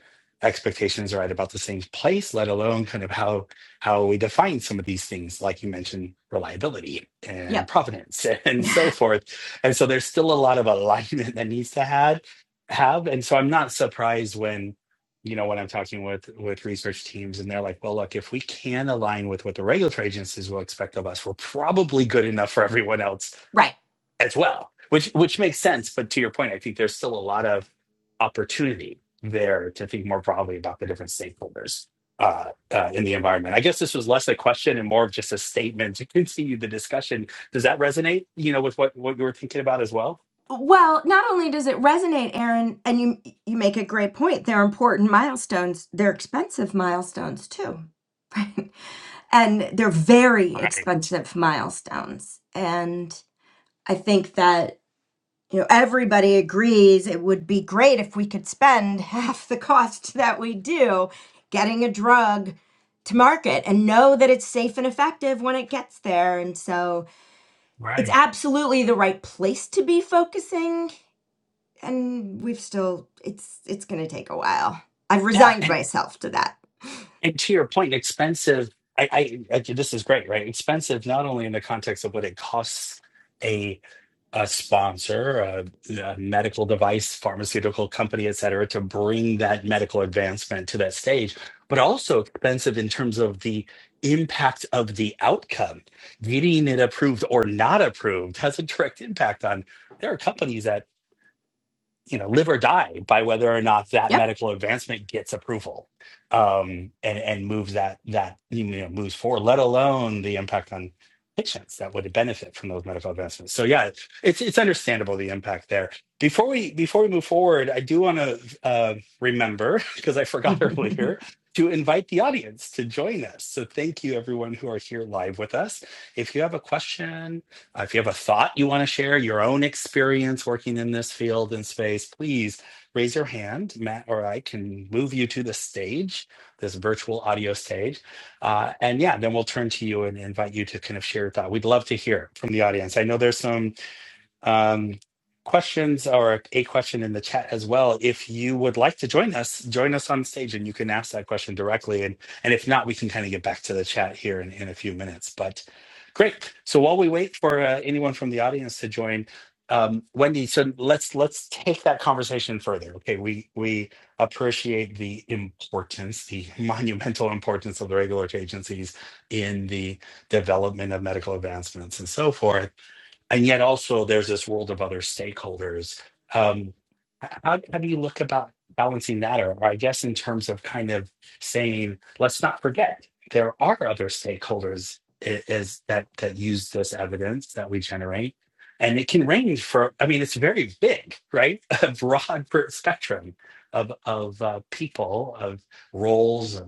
Speaker 1: expectations are at about the same place, let alone kind of how how we define some of these things, like you mentioned, reliability and
Speaker 2: Yep.
Speaker 1: provenance and so forth. And so there's still a lot of alignment that needs to had have. And so I'm not surprised when you know, when I'm talking with with research teams, and they're like, "Well, look, if we can align with what the regulatory agencies will expect of us, we're probably good enough for everyone else
Speaker 2: Right.
Speaker 1: as well," which which makes sense. But to your point, I think there's still a lot of opportunity there to think more broadly about the different stakeholders uh, uh, in the environment. I guess this was less a question and more of just a statement to continue the discussion. Does that resonate? You know, with what what you were thinking about as well?
Speaker 2: Well, not only does it resonate, Aaron, and you you make a great point. They're important milestones. They're expensive milestones too. Right? And they're very
Speaker 1: Right,
Speaker 2: expensive milestones. And I think that you know everybody agrees it would be great if we could spend half the cost that we do getting a drug to market and know that it's safe and effective when it gets there. And so it's
Speaker 1: right.
Speaker 2: absolutely the right place to be focusing and we've still it's it's going to take a while. I've
Speaker 1: Yeah,
Speaker 2: resigned
Speaker 1: and
Speaker 2: myself to that.
Speaker 1: And to your point, expensive. I, I, I this is great, right? Expensive not only in the context of what it costs a a sponsor, a, a medical device, pharmaceutical company, et cetera, to bring that medical advancement to that stage, but also expensive in terms of the impact of the outcome. Getting it approved or not approved has a direct impact on. There are companies that you know live or die by whether or not that
Speaker 2: Yep.
Speaker 1: medical advancement gets approval um and and moves that that you know moves forward let alone the impact on patients that would benefit from those medical advancements so yeah it's it's, it's understandable the impact there before we before we move forward i do want to uh, remember because i forgot earlier to invite the audience to join us so thank you everyone who are here live with us if you have a question uh, if you have a thought you want to share, your own experience working in this field and space, please raise your hand. Matt or I can move you to the stage, this virtual audio stage. Uh, and yeah, then we'll turn to you and invite you to kind of share your thought. We'd love to hear from the audience. I know there's some um, questions or a question in the chat as well. If you would like to join us, join us on stage and you can ask that question directly. And, and if not, we can kind of get back to the chat here in, in a few minutes. But great. So while we wait for uh, anyone from the audience to join, um, Wendy, so let's let's take that conversation further. Okay, we we appreciate the importance, the monumental importance of the regulatory agencies in the development of medical advancements and so forth and yet also there's this world of other stakeholders. Um, how, how do you look about balancing that, or, or I guess in terms of kind of saying, let's not forget there are other stakeholders i- is that that use this evidence that we generate, and it can range for. I mean, it's very big, right? A broad per- spectrum of of uh, people, of roles,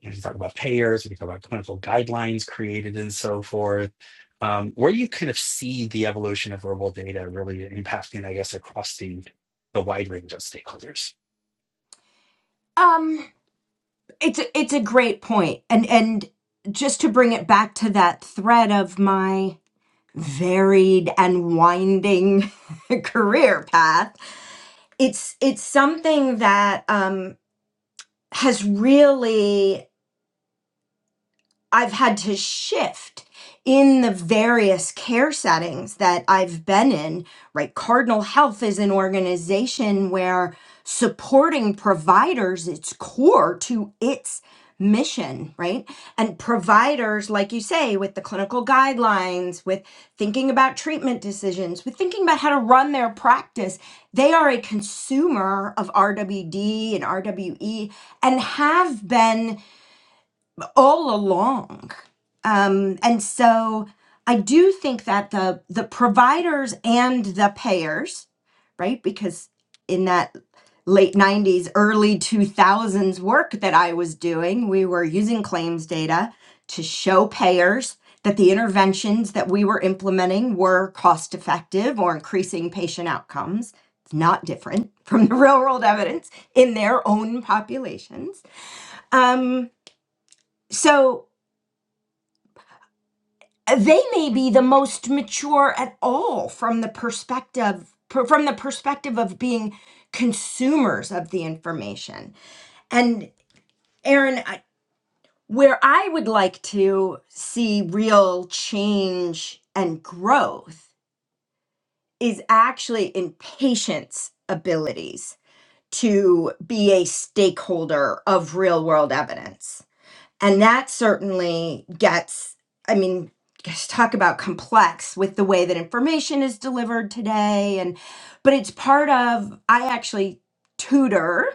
Speaker 1: you can talk about payers, we can talk about clinical guidelines created and so forth. Um, where you kind of see the evolution of verbal data really impacting, I guess, across the the wide range of stakeholders.
Speaker 2: um it's a, it's a great point. And and just to bring it back to that thread of my varied and winding career path, it's it's something that um has really I've had to shift in the various care settings that I've been in, right? Cardinal Health is an organization where supporting providers it's core to its mission, right? And providers like you say with the clinical guidelines, with thinking about treatment decisions, with thinking about how to run their practice, they are a consumer of RWD and RWE and have been all along. Um, and so I do think that the the providers and the payers, right? Because in that late 90s, early 2000s work that I was doing, we were using claims data to show payers that the interventions that we were implementing were cost effective or increasing patient outcomes. It's not different from the real world evidence in their own populations. Um, so they may be the most mature at all from the perspective per- from the perspective of being consumers of the information and aaron I- where i would like to see real change and growth is actually in patients abilities to be a stakeholder of real world evidence And that certainly gets, I mean, just talk about complex with the way that information is delivered today. And, but it's part of, I actually tutor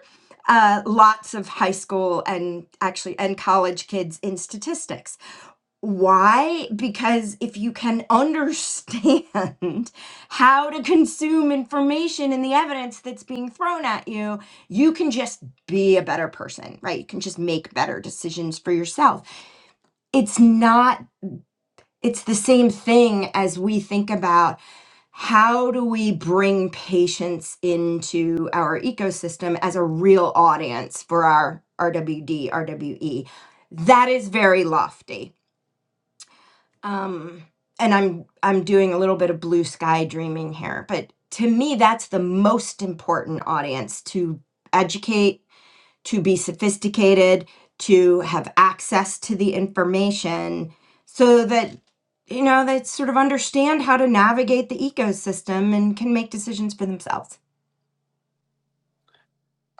Speaker 2: uh, lots of high school and actually and college kids in statistics why? Because if you can understand how to consume information and the evidence that's being thrown at you, you can just be a better person, right? You can just make better decisions for yourself. It's not, it's the same thing as we think about how do we bring patients into our ecosystem as a real audience for our RWD, RWE. That is very lofty um and i'm i'm doing a little bit of blue sky dreaming here but to me that's the most important audience to educate to be sophisticated to have access to the information so that you know they sort of understand how to navigate the ecosystem and can make decisions for themselves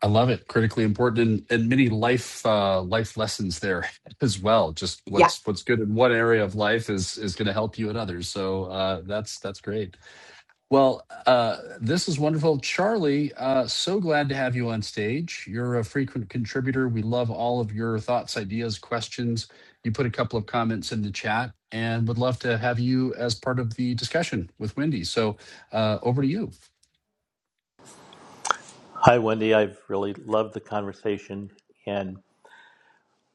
Speaker 3: I love it. Critically important, and, and many life uh, life lessons there as well. Just
Speaker 2: yeah
Speaker 3: what's what's good in one area of life is is going to help you in others. So uh, that's that's great. Well, uh, this is wonderful. Charlie, uh, so glad to have you on stage. You're a frequent contributor. We love all of your thoughts, ideas, questions. You put a couple of comments in the chat and would love to have you as part of the discussion with Wendy. So uh, over to you.
Speaker 4: Hi, Wendy. I've really loved the conversation, and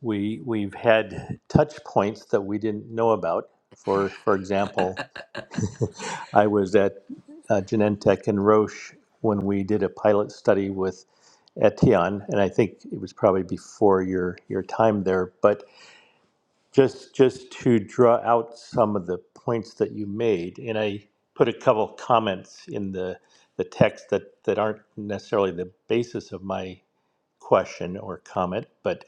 Speaker 4: we we've had touch points that we didn't know about. For for example, I was at uh, Genentech and Roche when we did a pilot study with Etion, and I think it was probably before your your time there. But just just to draw out some of the points that you made, and I put a couple comments in the the text that that aren't necessarily the basis of my question or comment, but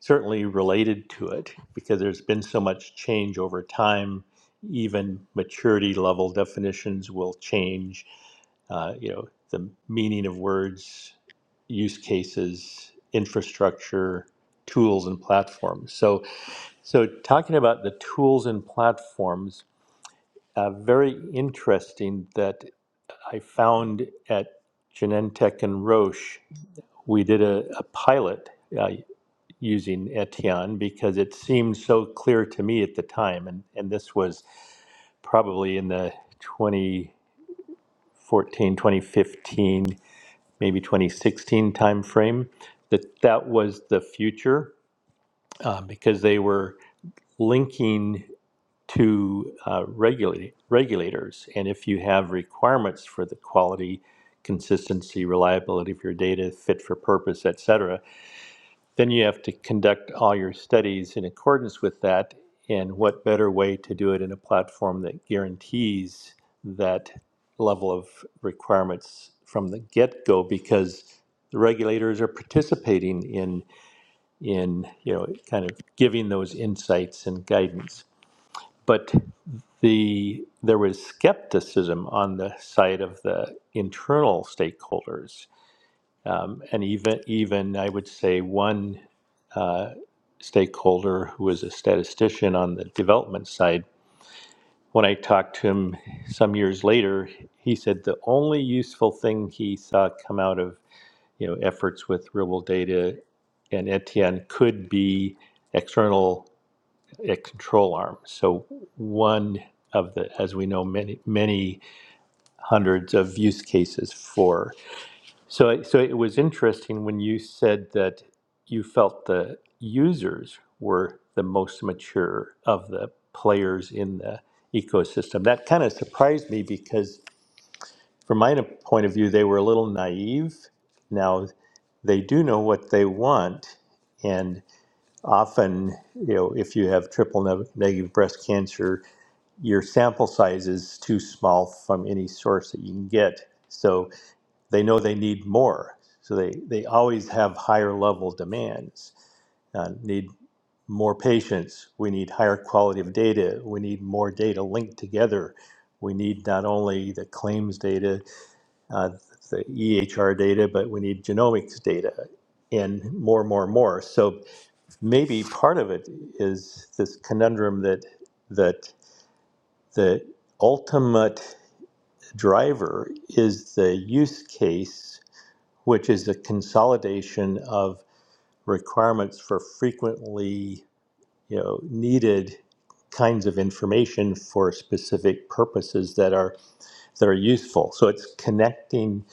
Speaker 4: certainly related to it because there's been so much change over time. Even maturity level definitions will change. Uh, you know, the meaning of words, use cases, infrastructure, tools, and platforms. So, so talking about the tools and platforms, uh, very interesting that I found at Genentech and Roche, we did a, a pilot. uh, using Etienne because it seemed so clear to me at the time. And, and this was probably in the 2014, 2015, maybe 2016 timeframe, that that was the future uh, because they were linking to uh, regulate, regulators. And if you have requirements for the quality, consistency, reliability of your data, fit for purpose, etc then you have to conduct all your studies in accordance with that. And what better way to do it in a platform that guarantees that level of requirements from the get-go? Because the regulators are participating in in you know kind of giving those insights and guidance. But the there was skepticism on the side of the internal stakeholders, um, and even even I would say one uh, stakeholder who was a statistician on the development side. When I talked to him some years later, he said the only useful thing he saw come out of you know efforts with real world data and Etienne could be external uh, control arms. So one of the, as we know, many many hundreds of use cases for so, it- so it was interesting when you said that you felt the users were the most mature of the players in the ecosystem. That kind of surprised me because, from my point of view, they were a little naive. Now, they do know what they want, and often, you know, if you have triple neg- negative breast cancer, your sample size is too small from any source that you can get. So, they know they need more. So they, they always have higher level demands. Uh, need more patients. We need higher quality of data. We need more data linked together. We need not only the claims data, uh, the EHR data, but we need genomics data and more, more, more. So maybe part of it is this conundrum that that the ultimate driver is the use case which is a consolidation of requirements for frequently you know needed kinds of information for specific purposes that are that are useful so it's connecting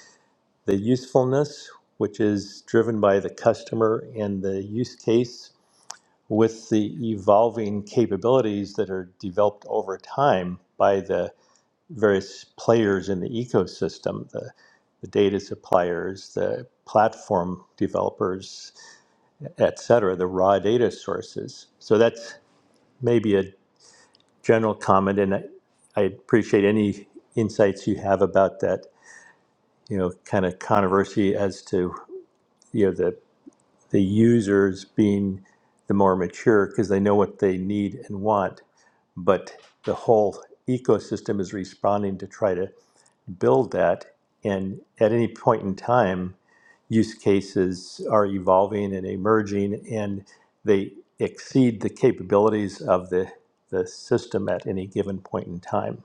Speaker 4: the usefulness which is driven by the customer and the use case with the evolving capabilities that are developed over time by the various players in the ecosystem the, the data suppliers the platform developers et cetera, the raw data sources so that's maybe a general comment and i, I appreciate any insights you have about that you know kind of controversy as to you know the the users being the more mature because they know what they need and want but the whole ecosystem is responding to try to build that. And at any point in time, use cases are evolving and emerging, and they exceed the capabilities of the, the system at any given point in time.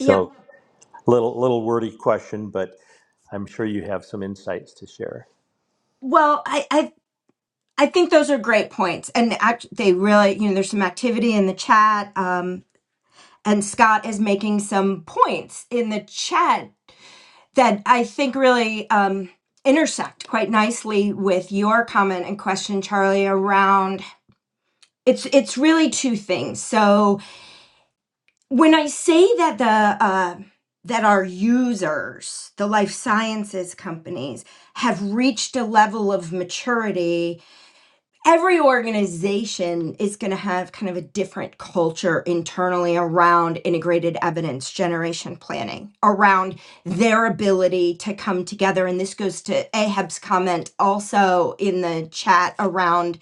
Speaker 2: yep
Speaker 4: little little wordy question, but I'm sure you have some insights to share.
Speaker 2: well i i I think those are great points, and act- they really, you know, there's some activity in the chat. Um, and Scott is making some points in the chat that I think really um, intersect quite nicely with your comment and question, Charlie, around it's it's really two things. So when I say that the uh, that our users, the life sciences companies, have reached a level of maturity every organization is going to have kind of a different culture internally around integrated evidence generation planning, around their ability to come together. And this goes to Ahab's comment also in the chat around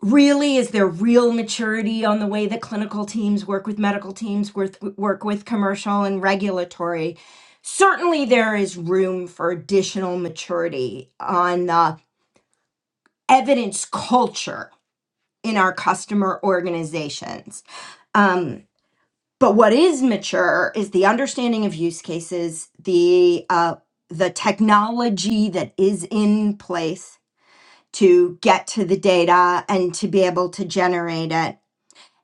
Speaker 2: really is there real maturity on the way that clinical teams work with medical teams, work, work with commercial and regulatory. Certainly, there is room for additional maturity on the evidence culture in our customer organizations. Um, but what is mature is the understanding of use cases, the uh, the technology that is in place to get to the data and to be able to generate it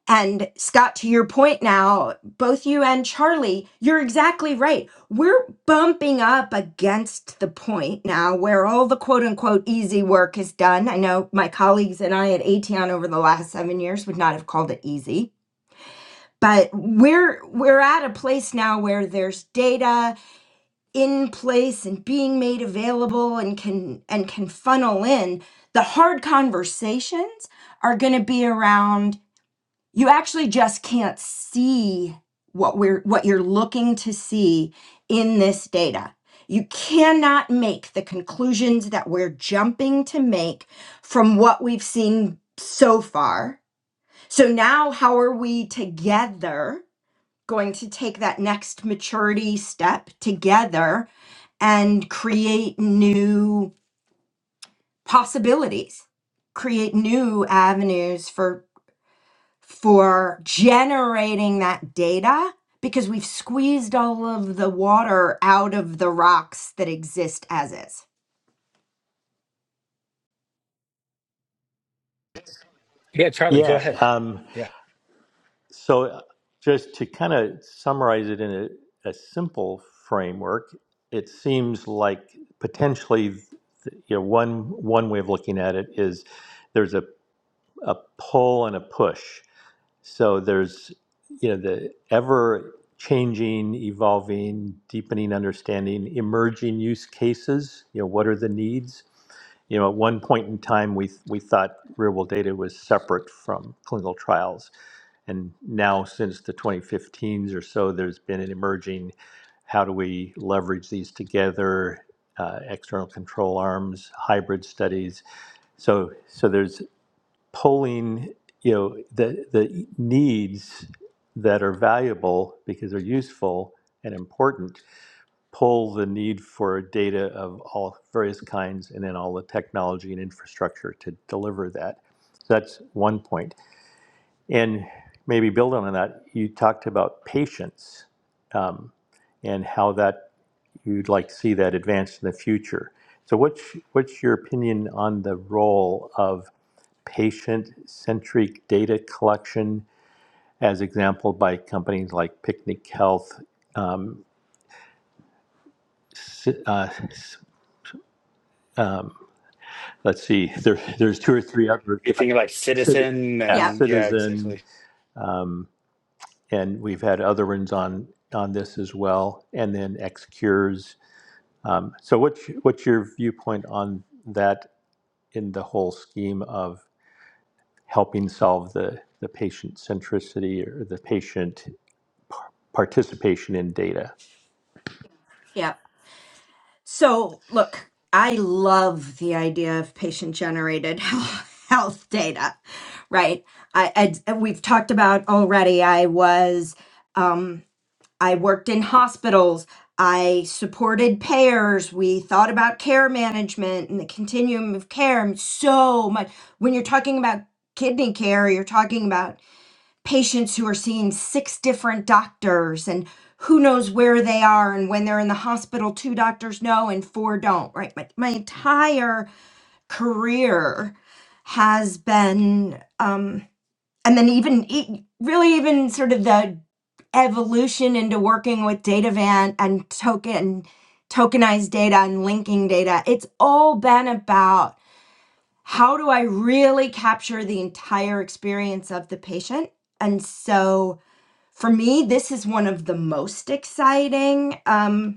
Speaker 2: and Scott, to your point now, both you and Charlie, you're exactly right. We're bumping up against the point now where all the quote unquote easy work is done. I know my colleagues and I at Aetion over the last seven years would not have called it easy. But we're we're at a place now where there's data in place and being made available and can and can funnel in. The hard conversations are gonna be around you actually just can't see what we're what you're looking to see in this data you cannot make the conclusions that we're jumping to make from what we've seen so far so now how are we together going to take that next maturity step together and create new possibilities create new avenues for? for generating that data because we've squeezed all of the water out of the rocks that exist as is.
Speaker 1: Yeah, Charlie, go
Speaker 4: Yeah.
Speaker 1: ahead.
Speaker 4: Um,
Speaker 1: Yeah.
Speaker 4: So, uh, just to kind of summarize it in a, a simple framework, it seems like potentially, you know, one one way of looking at it is there's a, a pull and a push. So there's you know the ever changing, evolving, deepening understanding, emerging use cases. You know, what are the needs? You know, at one point in time, we we thought real-world data was separate from clinical trials, and now since the 2015s or so, there's been an emerging how do we leverage these together, uh, external control arms, hybrid studies. So so there's polling, you know, the the needs that are valuable because they're useful and important pull the need for data of all various kinds and then all the technology and infrastructure to deliver that. So that's one point. And maybe build on that, you talked about patience um, and how that you'd like to see that advance in the future. So what's, what's your opinion on the role of patient-centric data collection as example by companies like Picnic Health, um, uh, um, let's see, there, there's two or three others. that
Speaker 1: You're
Speaker 4: I-
Speaker 1: thinking like
Speaker 4: Citizen,
Speaker 1: citizen
Speaker 4: yeah,
Speaker 2: Yep,
Speaker 1: and yeah,
Speaker 4: Citizen,
Speaker 1: exactly.
Speaker 4: um, and we've had other ones on on this as well, and then X Cures. So, what's what's your viewpoint on that in the whole scheme of helping solve the the patient centricity or the patient participation in data?
Speaker 2: yep. So, look, I love the idea of patient generated health data, right? I, I we've talked about already. I was um, I worked in hospitals. I supported payers. We thought about care management and the continuum of care and so much. When you're talking about kidney care, you're talking about patients who are seeing six different doctors and who knows where they are and when they're in the hospital, two doctors know and four don't, right? My, my entire career has been. Um, and then even e- really even sort of the evolution into working with data van and token tokenized data and linking data it's all been about how do i really capture the entire experience of the patient and so for me this is one of the most exciting um,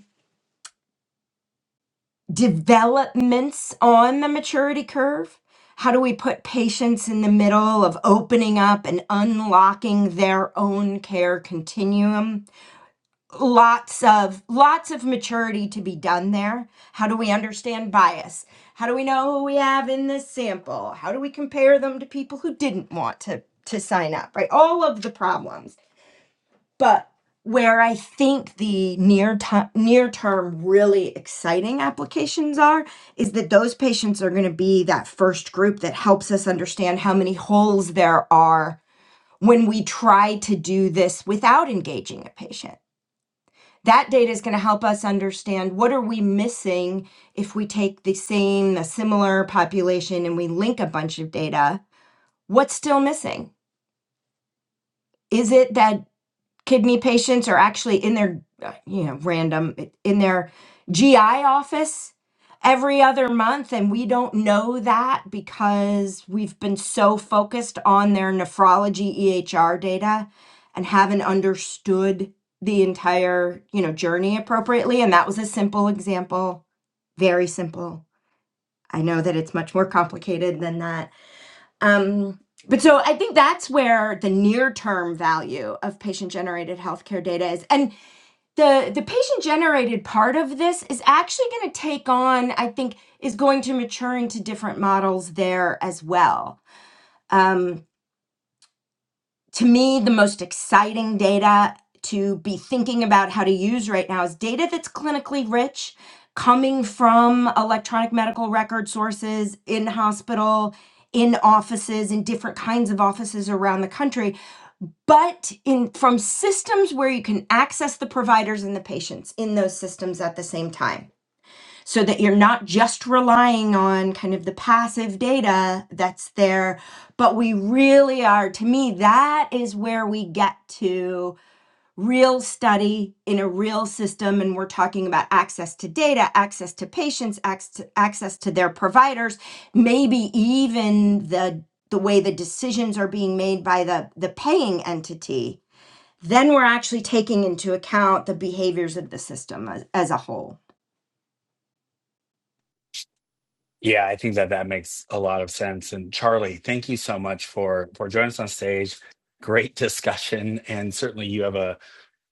Speaker 2: developments on the maturity curve? How do we put patients in the middle of opening up and unlocking their own care continuum? Lots of lots of maturity to be done there. How do we understand bias? How do we know who we have in this sample? How do we compare them to people who didn't want to to sign up, right? All of the problems. But where I think the near time, near term really exciting applications are is that those patients are going to be that first group that helps us understand how many holes there are when we try to do this without engaging a patient. That data is going to help us understand what are we missing if we take the same, a similar population and we link a bunch of data. What's still missing? Is it that kidney patients are actually in their uh, you know random in their GI office every other month and we don't know that because we've been so focused on their nephrology EHR data and haven't understood the entire you know journey appropriately and that was a simple example very simple i know that it's much more complicated than that um, but so I think that's where the near term value of patient generated healthcare data is. And the, the patient generated part of this is actually going to take on, I think, is going to mature into different models there as well. Um, to me, the most exciting data to be thinking about how to use right now is data that's clinically rich, coming from electronic medical record sources in hospital, in offices, in different kinds of offices around the country, but in from systems where you can access the providers and the patients in those systems at the same time so that you're not just relying on kind of the passive data that's there, but we really are, to me, that is where we get to real study in a real system. And we're talking about access to data, access to patients, access access to their providers, maybe even the the way the decisions are being made by the, the paying entity, then we're actually taking into account the behaviors of the system as, as a whole.
Speaker 1: Yeah, I think that that makes a lot of sense. And Charlie, thank you so much for for joining us on stage. Great discussion, and certainly you have a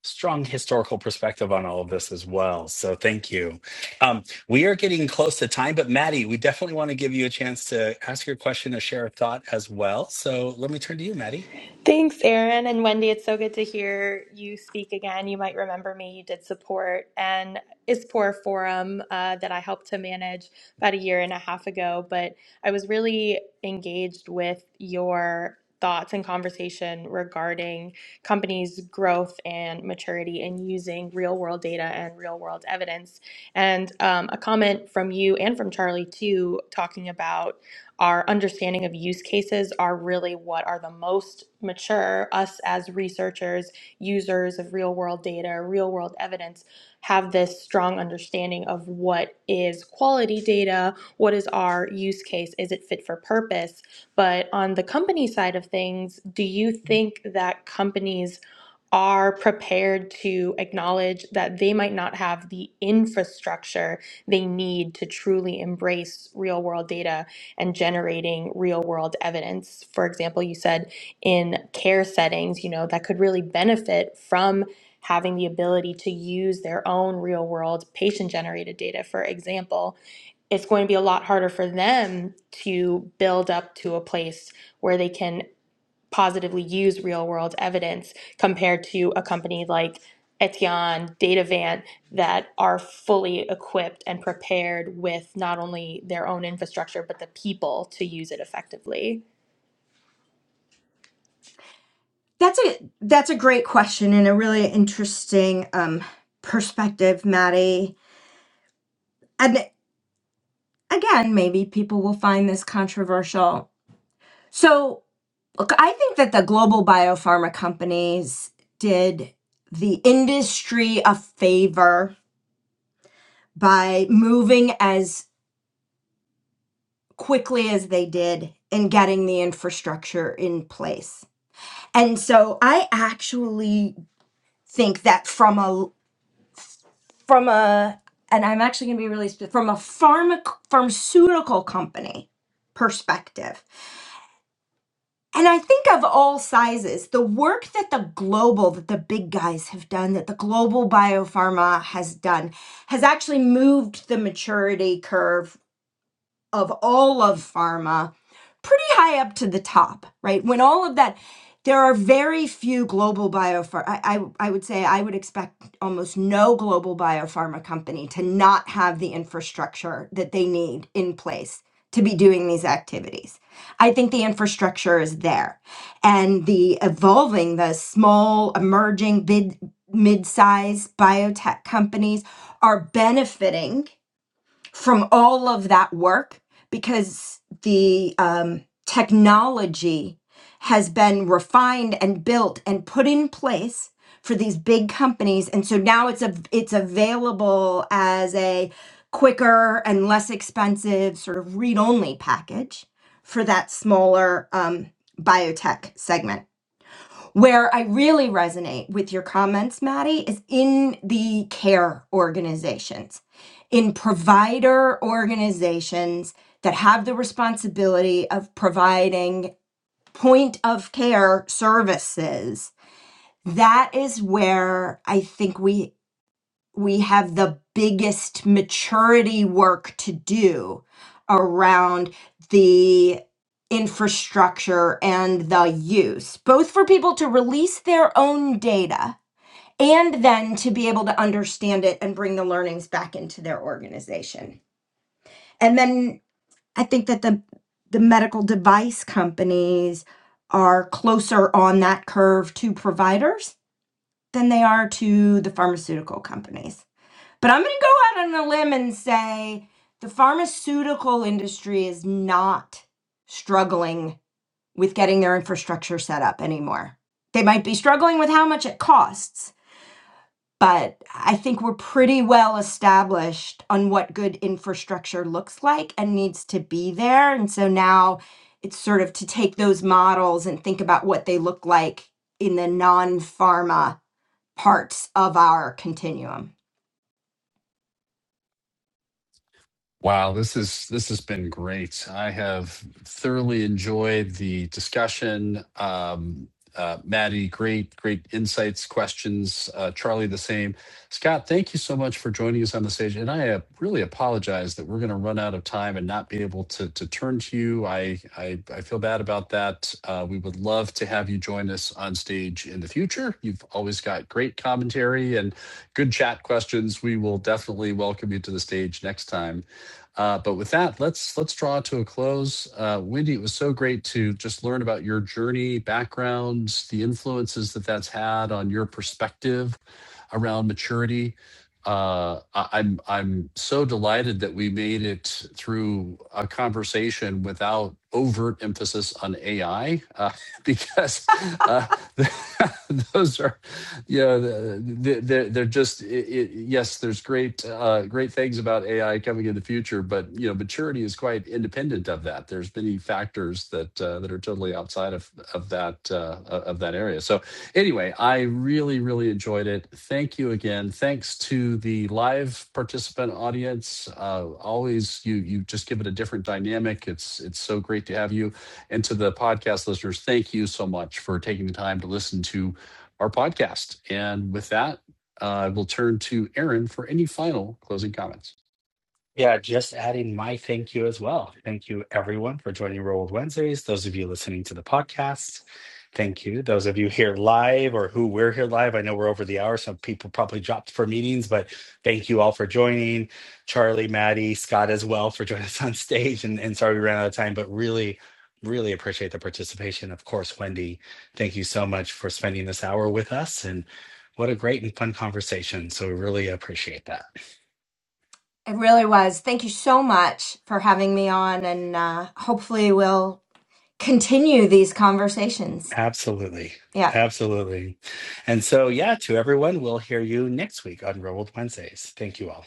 Speaker 1: strong historical perspective on all of this as well. So thank you. Um, we are getting close to time, but Maddie, we definitely want to give you a chance to ask your question or share a thought as well. So let me turn to you, Maddie.
Speaker 5: Thanks, Aaron and Wendy. It's so good to hear you speak again. You might remember me. You did support an ISPOR forum uh, that I helped to manage about a year and a half ago, but I was really engaged with your thoughts and conversation regarding companies' growth and maturity and using real world data and real world evidence. And um, a comment from you and from Charlie, too, talking about our understanding of use cases are really what are the most mature. Us as researchers, users of real world data, real world evidence, have this strong understanding of what is quality data, what is our use case, is it fit for purpose. But on the company side of things, do you think that companies are prepared to acknowledge that they might not have the infrastructure they need to truly embrace real world data and generating real world evidence. For example, you said in care settings, you know, that could really benefit from having the ability to use their own real world patient generated data, for example it's going to be a lot harder for them to build up to a place where they can positively use real world evidence compared to a company like Etienne, Datavant that are fully equipped and prepared with not only their own infrastructure but the people to use it effectively.
Speaker 2: That's a that's a great question and a really interesting um, perspective, Maddie. And again, maybe people will find this controversial. So, look, I think that the global biopharma companies did the industry a favor by moving as quickly as they did and getting the infrastructure in place. And so, I actually think that from a from a and i'm actually going to be really spe- from a pharma, pharmaceutical company perspective and i think of all sizes the work that the global that the big guys have done that the global biopharma has done has actually moved the maturity curve of all of pharma pretty high up to the top, right? When all of that, there are very few global biopharma. I, I, I would say I would expect almost no global biopharma company to not have the infrastructure that they need in place to be doing these activities. I think the infrastructure is there and the evolving, the small, emerging, bid, mid-sized biotech companies are benefiting from all of that work because the um, technology has been refined and built and put in place for these big companies and so now it's a it's available as a quicker and less expensive sort of read-only package for that smaller um, biotech segment where I really resonate with your comments, Maddie, is in the care organizations, in provider organizations that have the responsibility of providing point of care services. That is where I think we we have the biggest maturity work to do around the infrastructure and the use, both for people to release their own data and then to be able to understand it and bring the learnings back into their organization. And then I think that the the medical device companies are closer on that curve to providers than they are to the pharmaceutical companies. But I'm going to go out on a limb and say the pharmaceutical industry is not struggling with getting their infrastructure set up anymore. They might be struggling with how much it costs, but I think we're pretty well established on what good infrastructure looks like and needs to be there. And so now it's sort of to take those models and think about what they look like in the non pharma parts of our continuum.
Speaker 3: Wow, this is this has been great. I have thoroughly enjoyed the discussion. Um, uh, Maddie, great, great insights, questions. Uh, Charlie, the same. Scott, thank you so much for joining us on the stage. And I uh, really apologize that we're going to run out of time and not be able to to turn to you. I I, I feel bad about that. Uh, we would love to have you join us on stage in the future. You've always got great commentary and good chat questions. We will definitely welcome you to the stage next time. Uh, but with that, let's let's draw to a close. Uh, Wendy, it was so great to just learn about your journey, backgrounds, the influences that that's had on your perspective around maturity. Uh, I, I'm I'm so delighted that we made it through a conversation without overt emphasis on AI uh, because uh, those are yeah, the- the- they're just i i yes. There's great, uh, great things about AI coming in the future, but you know, maturity is quite independent of that. There's many factors that uh, that are totally outside of of that uh, of that area. So, anyway, I really, really enjoyed it. Thank you again. Thanks to the live participant audience. Uh, always, you you just give it a different dynamic. It's it's so great to have you, and to the podcast listeners. Thank you so much for taking the time to listen to our podcast. And with that, uh, we'll turn to Aaron for any final closing comments.
Speaker 1: Yeah, just adding my thank you as well. Thank you, everyone, for joining Real World Wednesdays. Those of you listening to the podcast, thank you. Those of you here live or who were here live, I know we're over the hour. Some people probably dropped for meetings, but thank you all for joining. Charlie, Maddie, Scott as well for joining us on stage. And, and sorry we ran out of time, but really, really appreciate the participation. Of course, Wendy, thank you so much for spending this hour with us. And what a great and fun conversation. So we really appreciate that.
Speaker 2: It really was. Thank you so much for having me on, and uh, hopefully, we'll continue these conversations.
Speaker 1: Absolutely.
Speaker 2: Yeah.
Speaker 1: Absolutely. And so, yeah, to everyone, we'll hear you next week on Real World Wednesdays. Thank you all.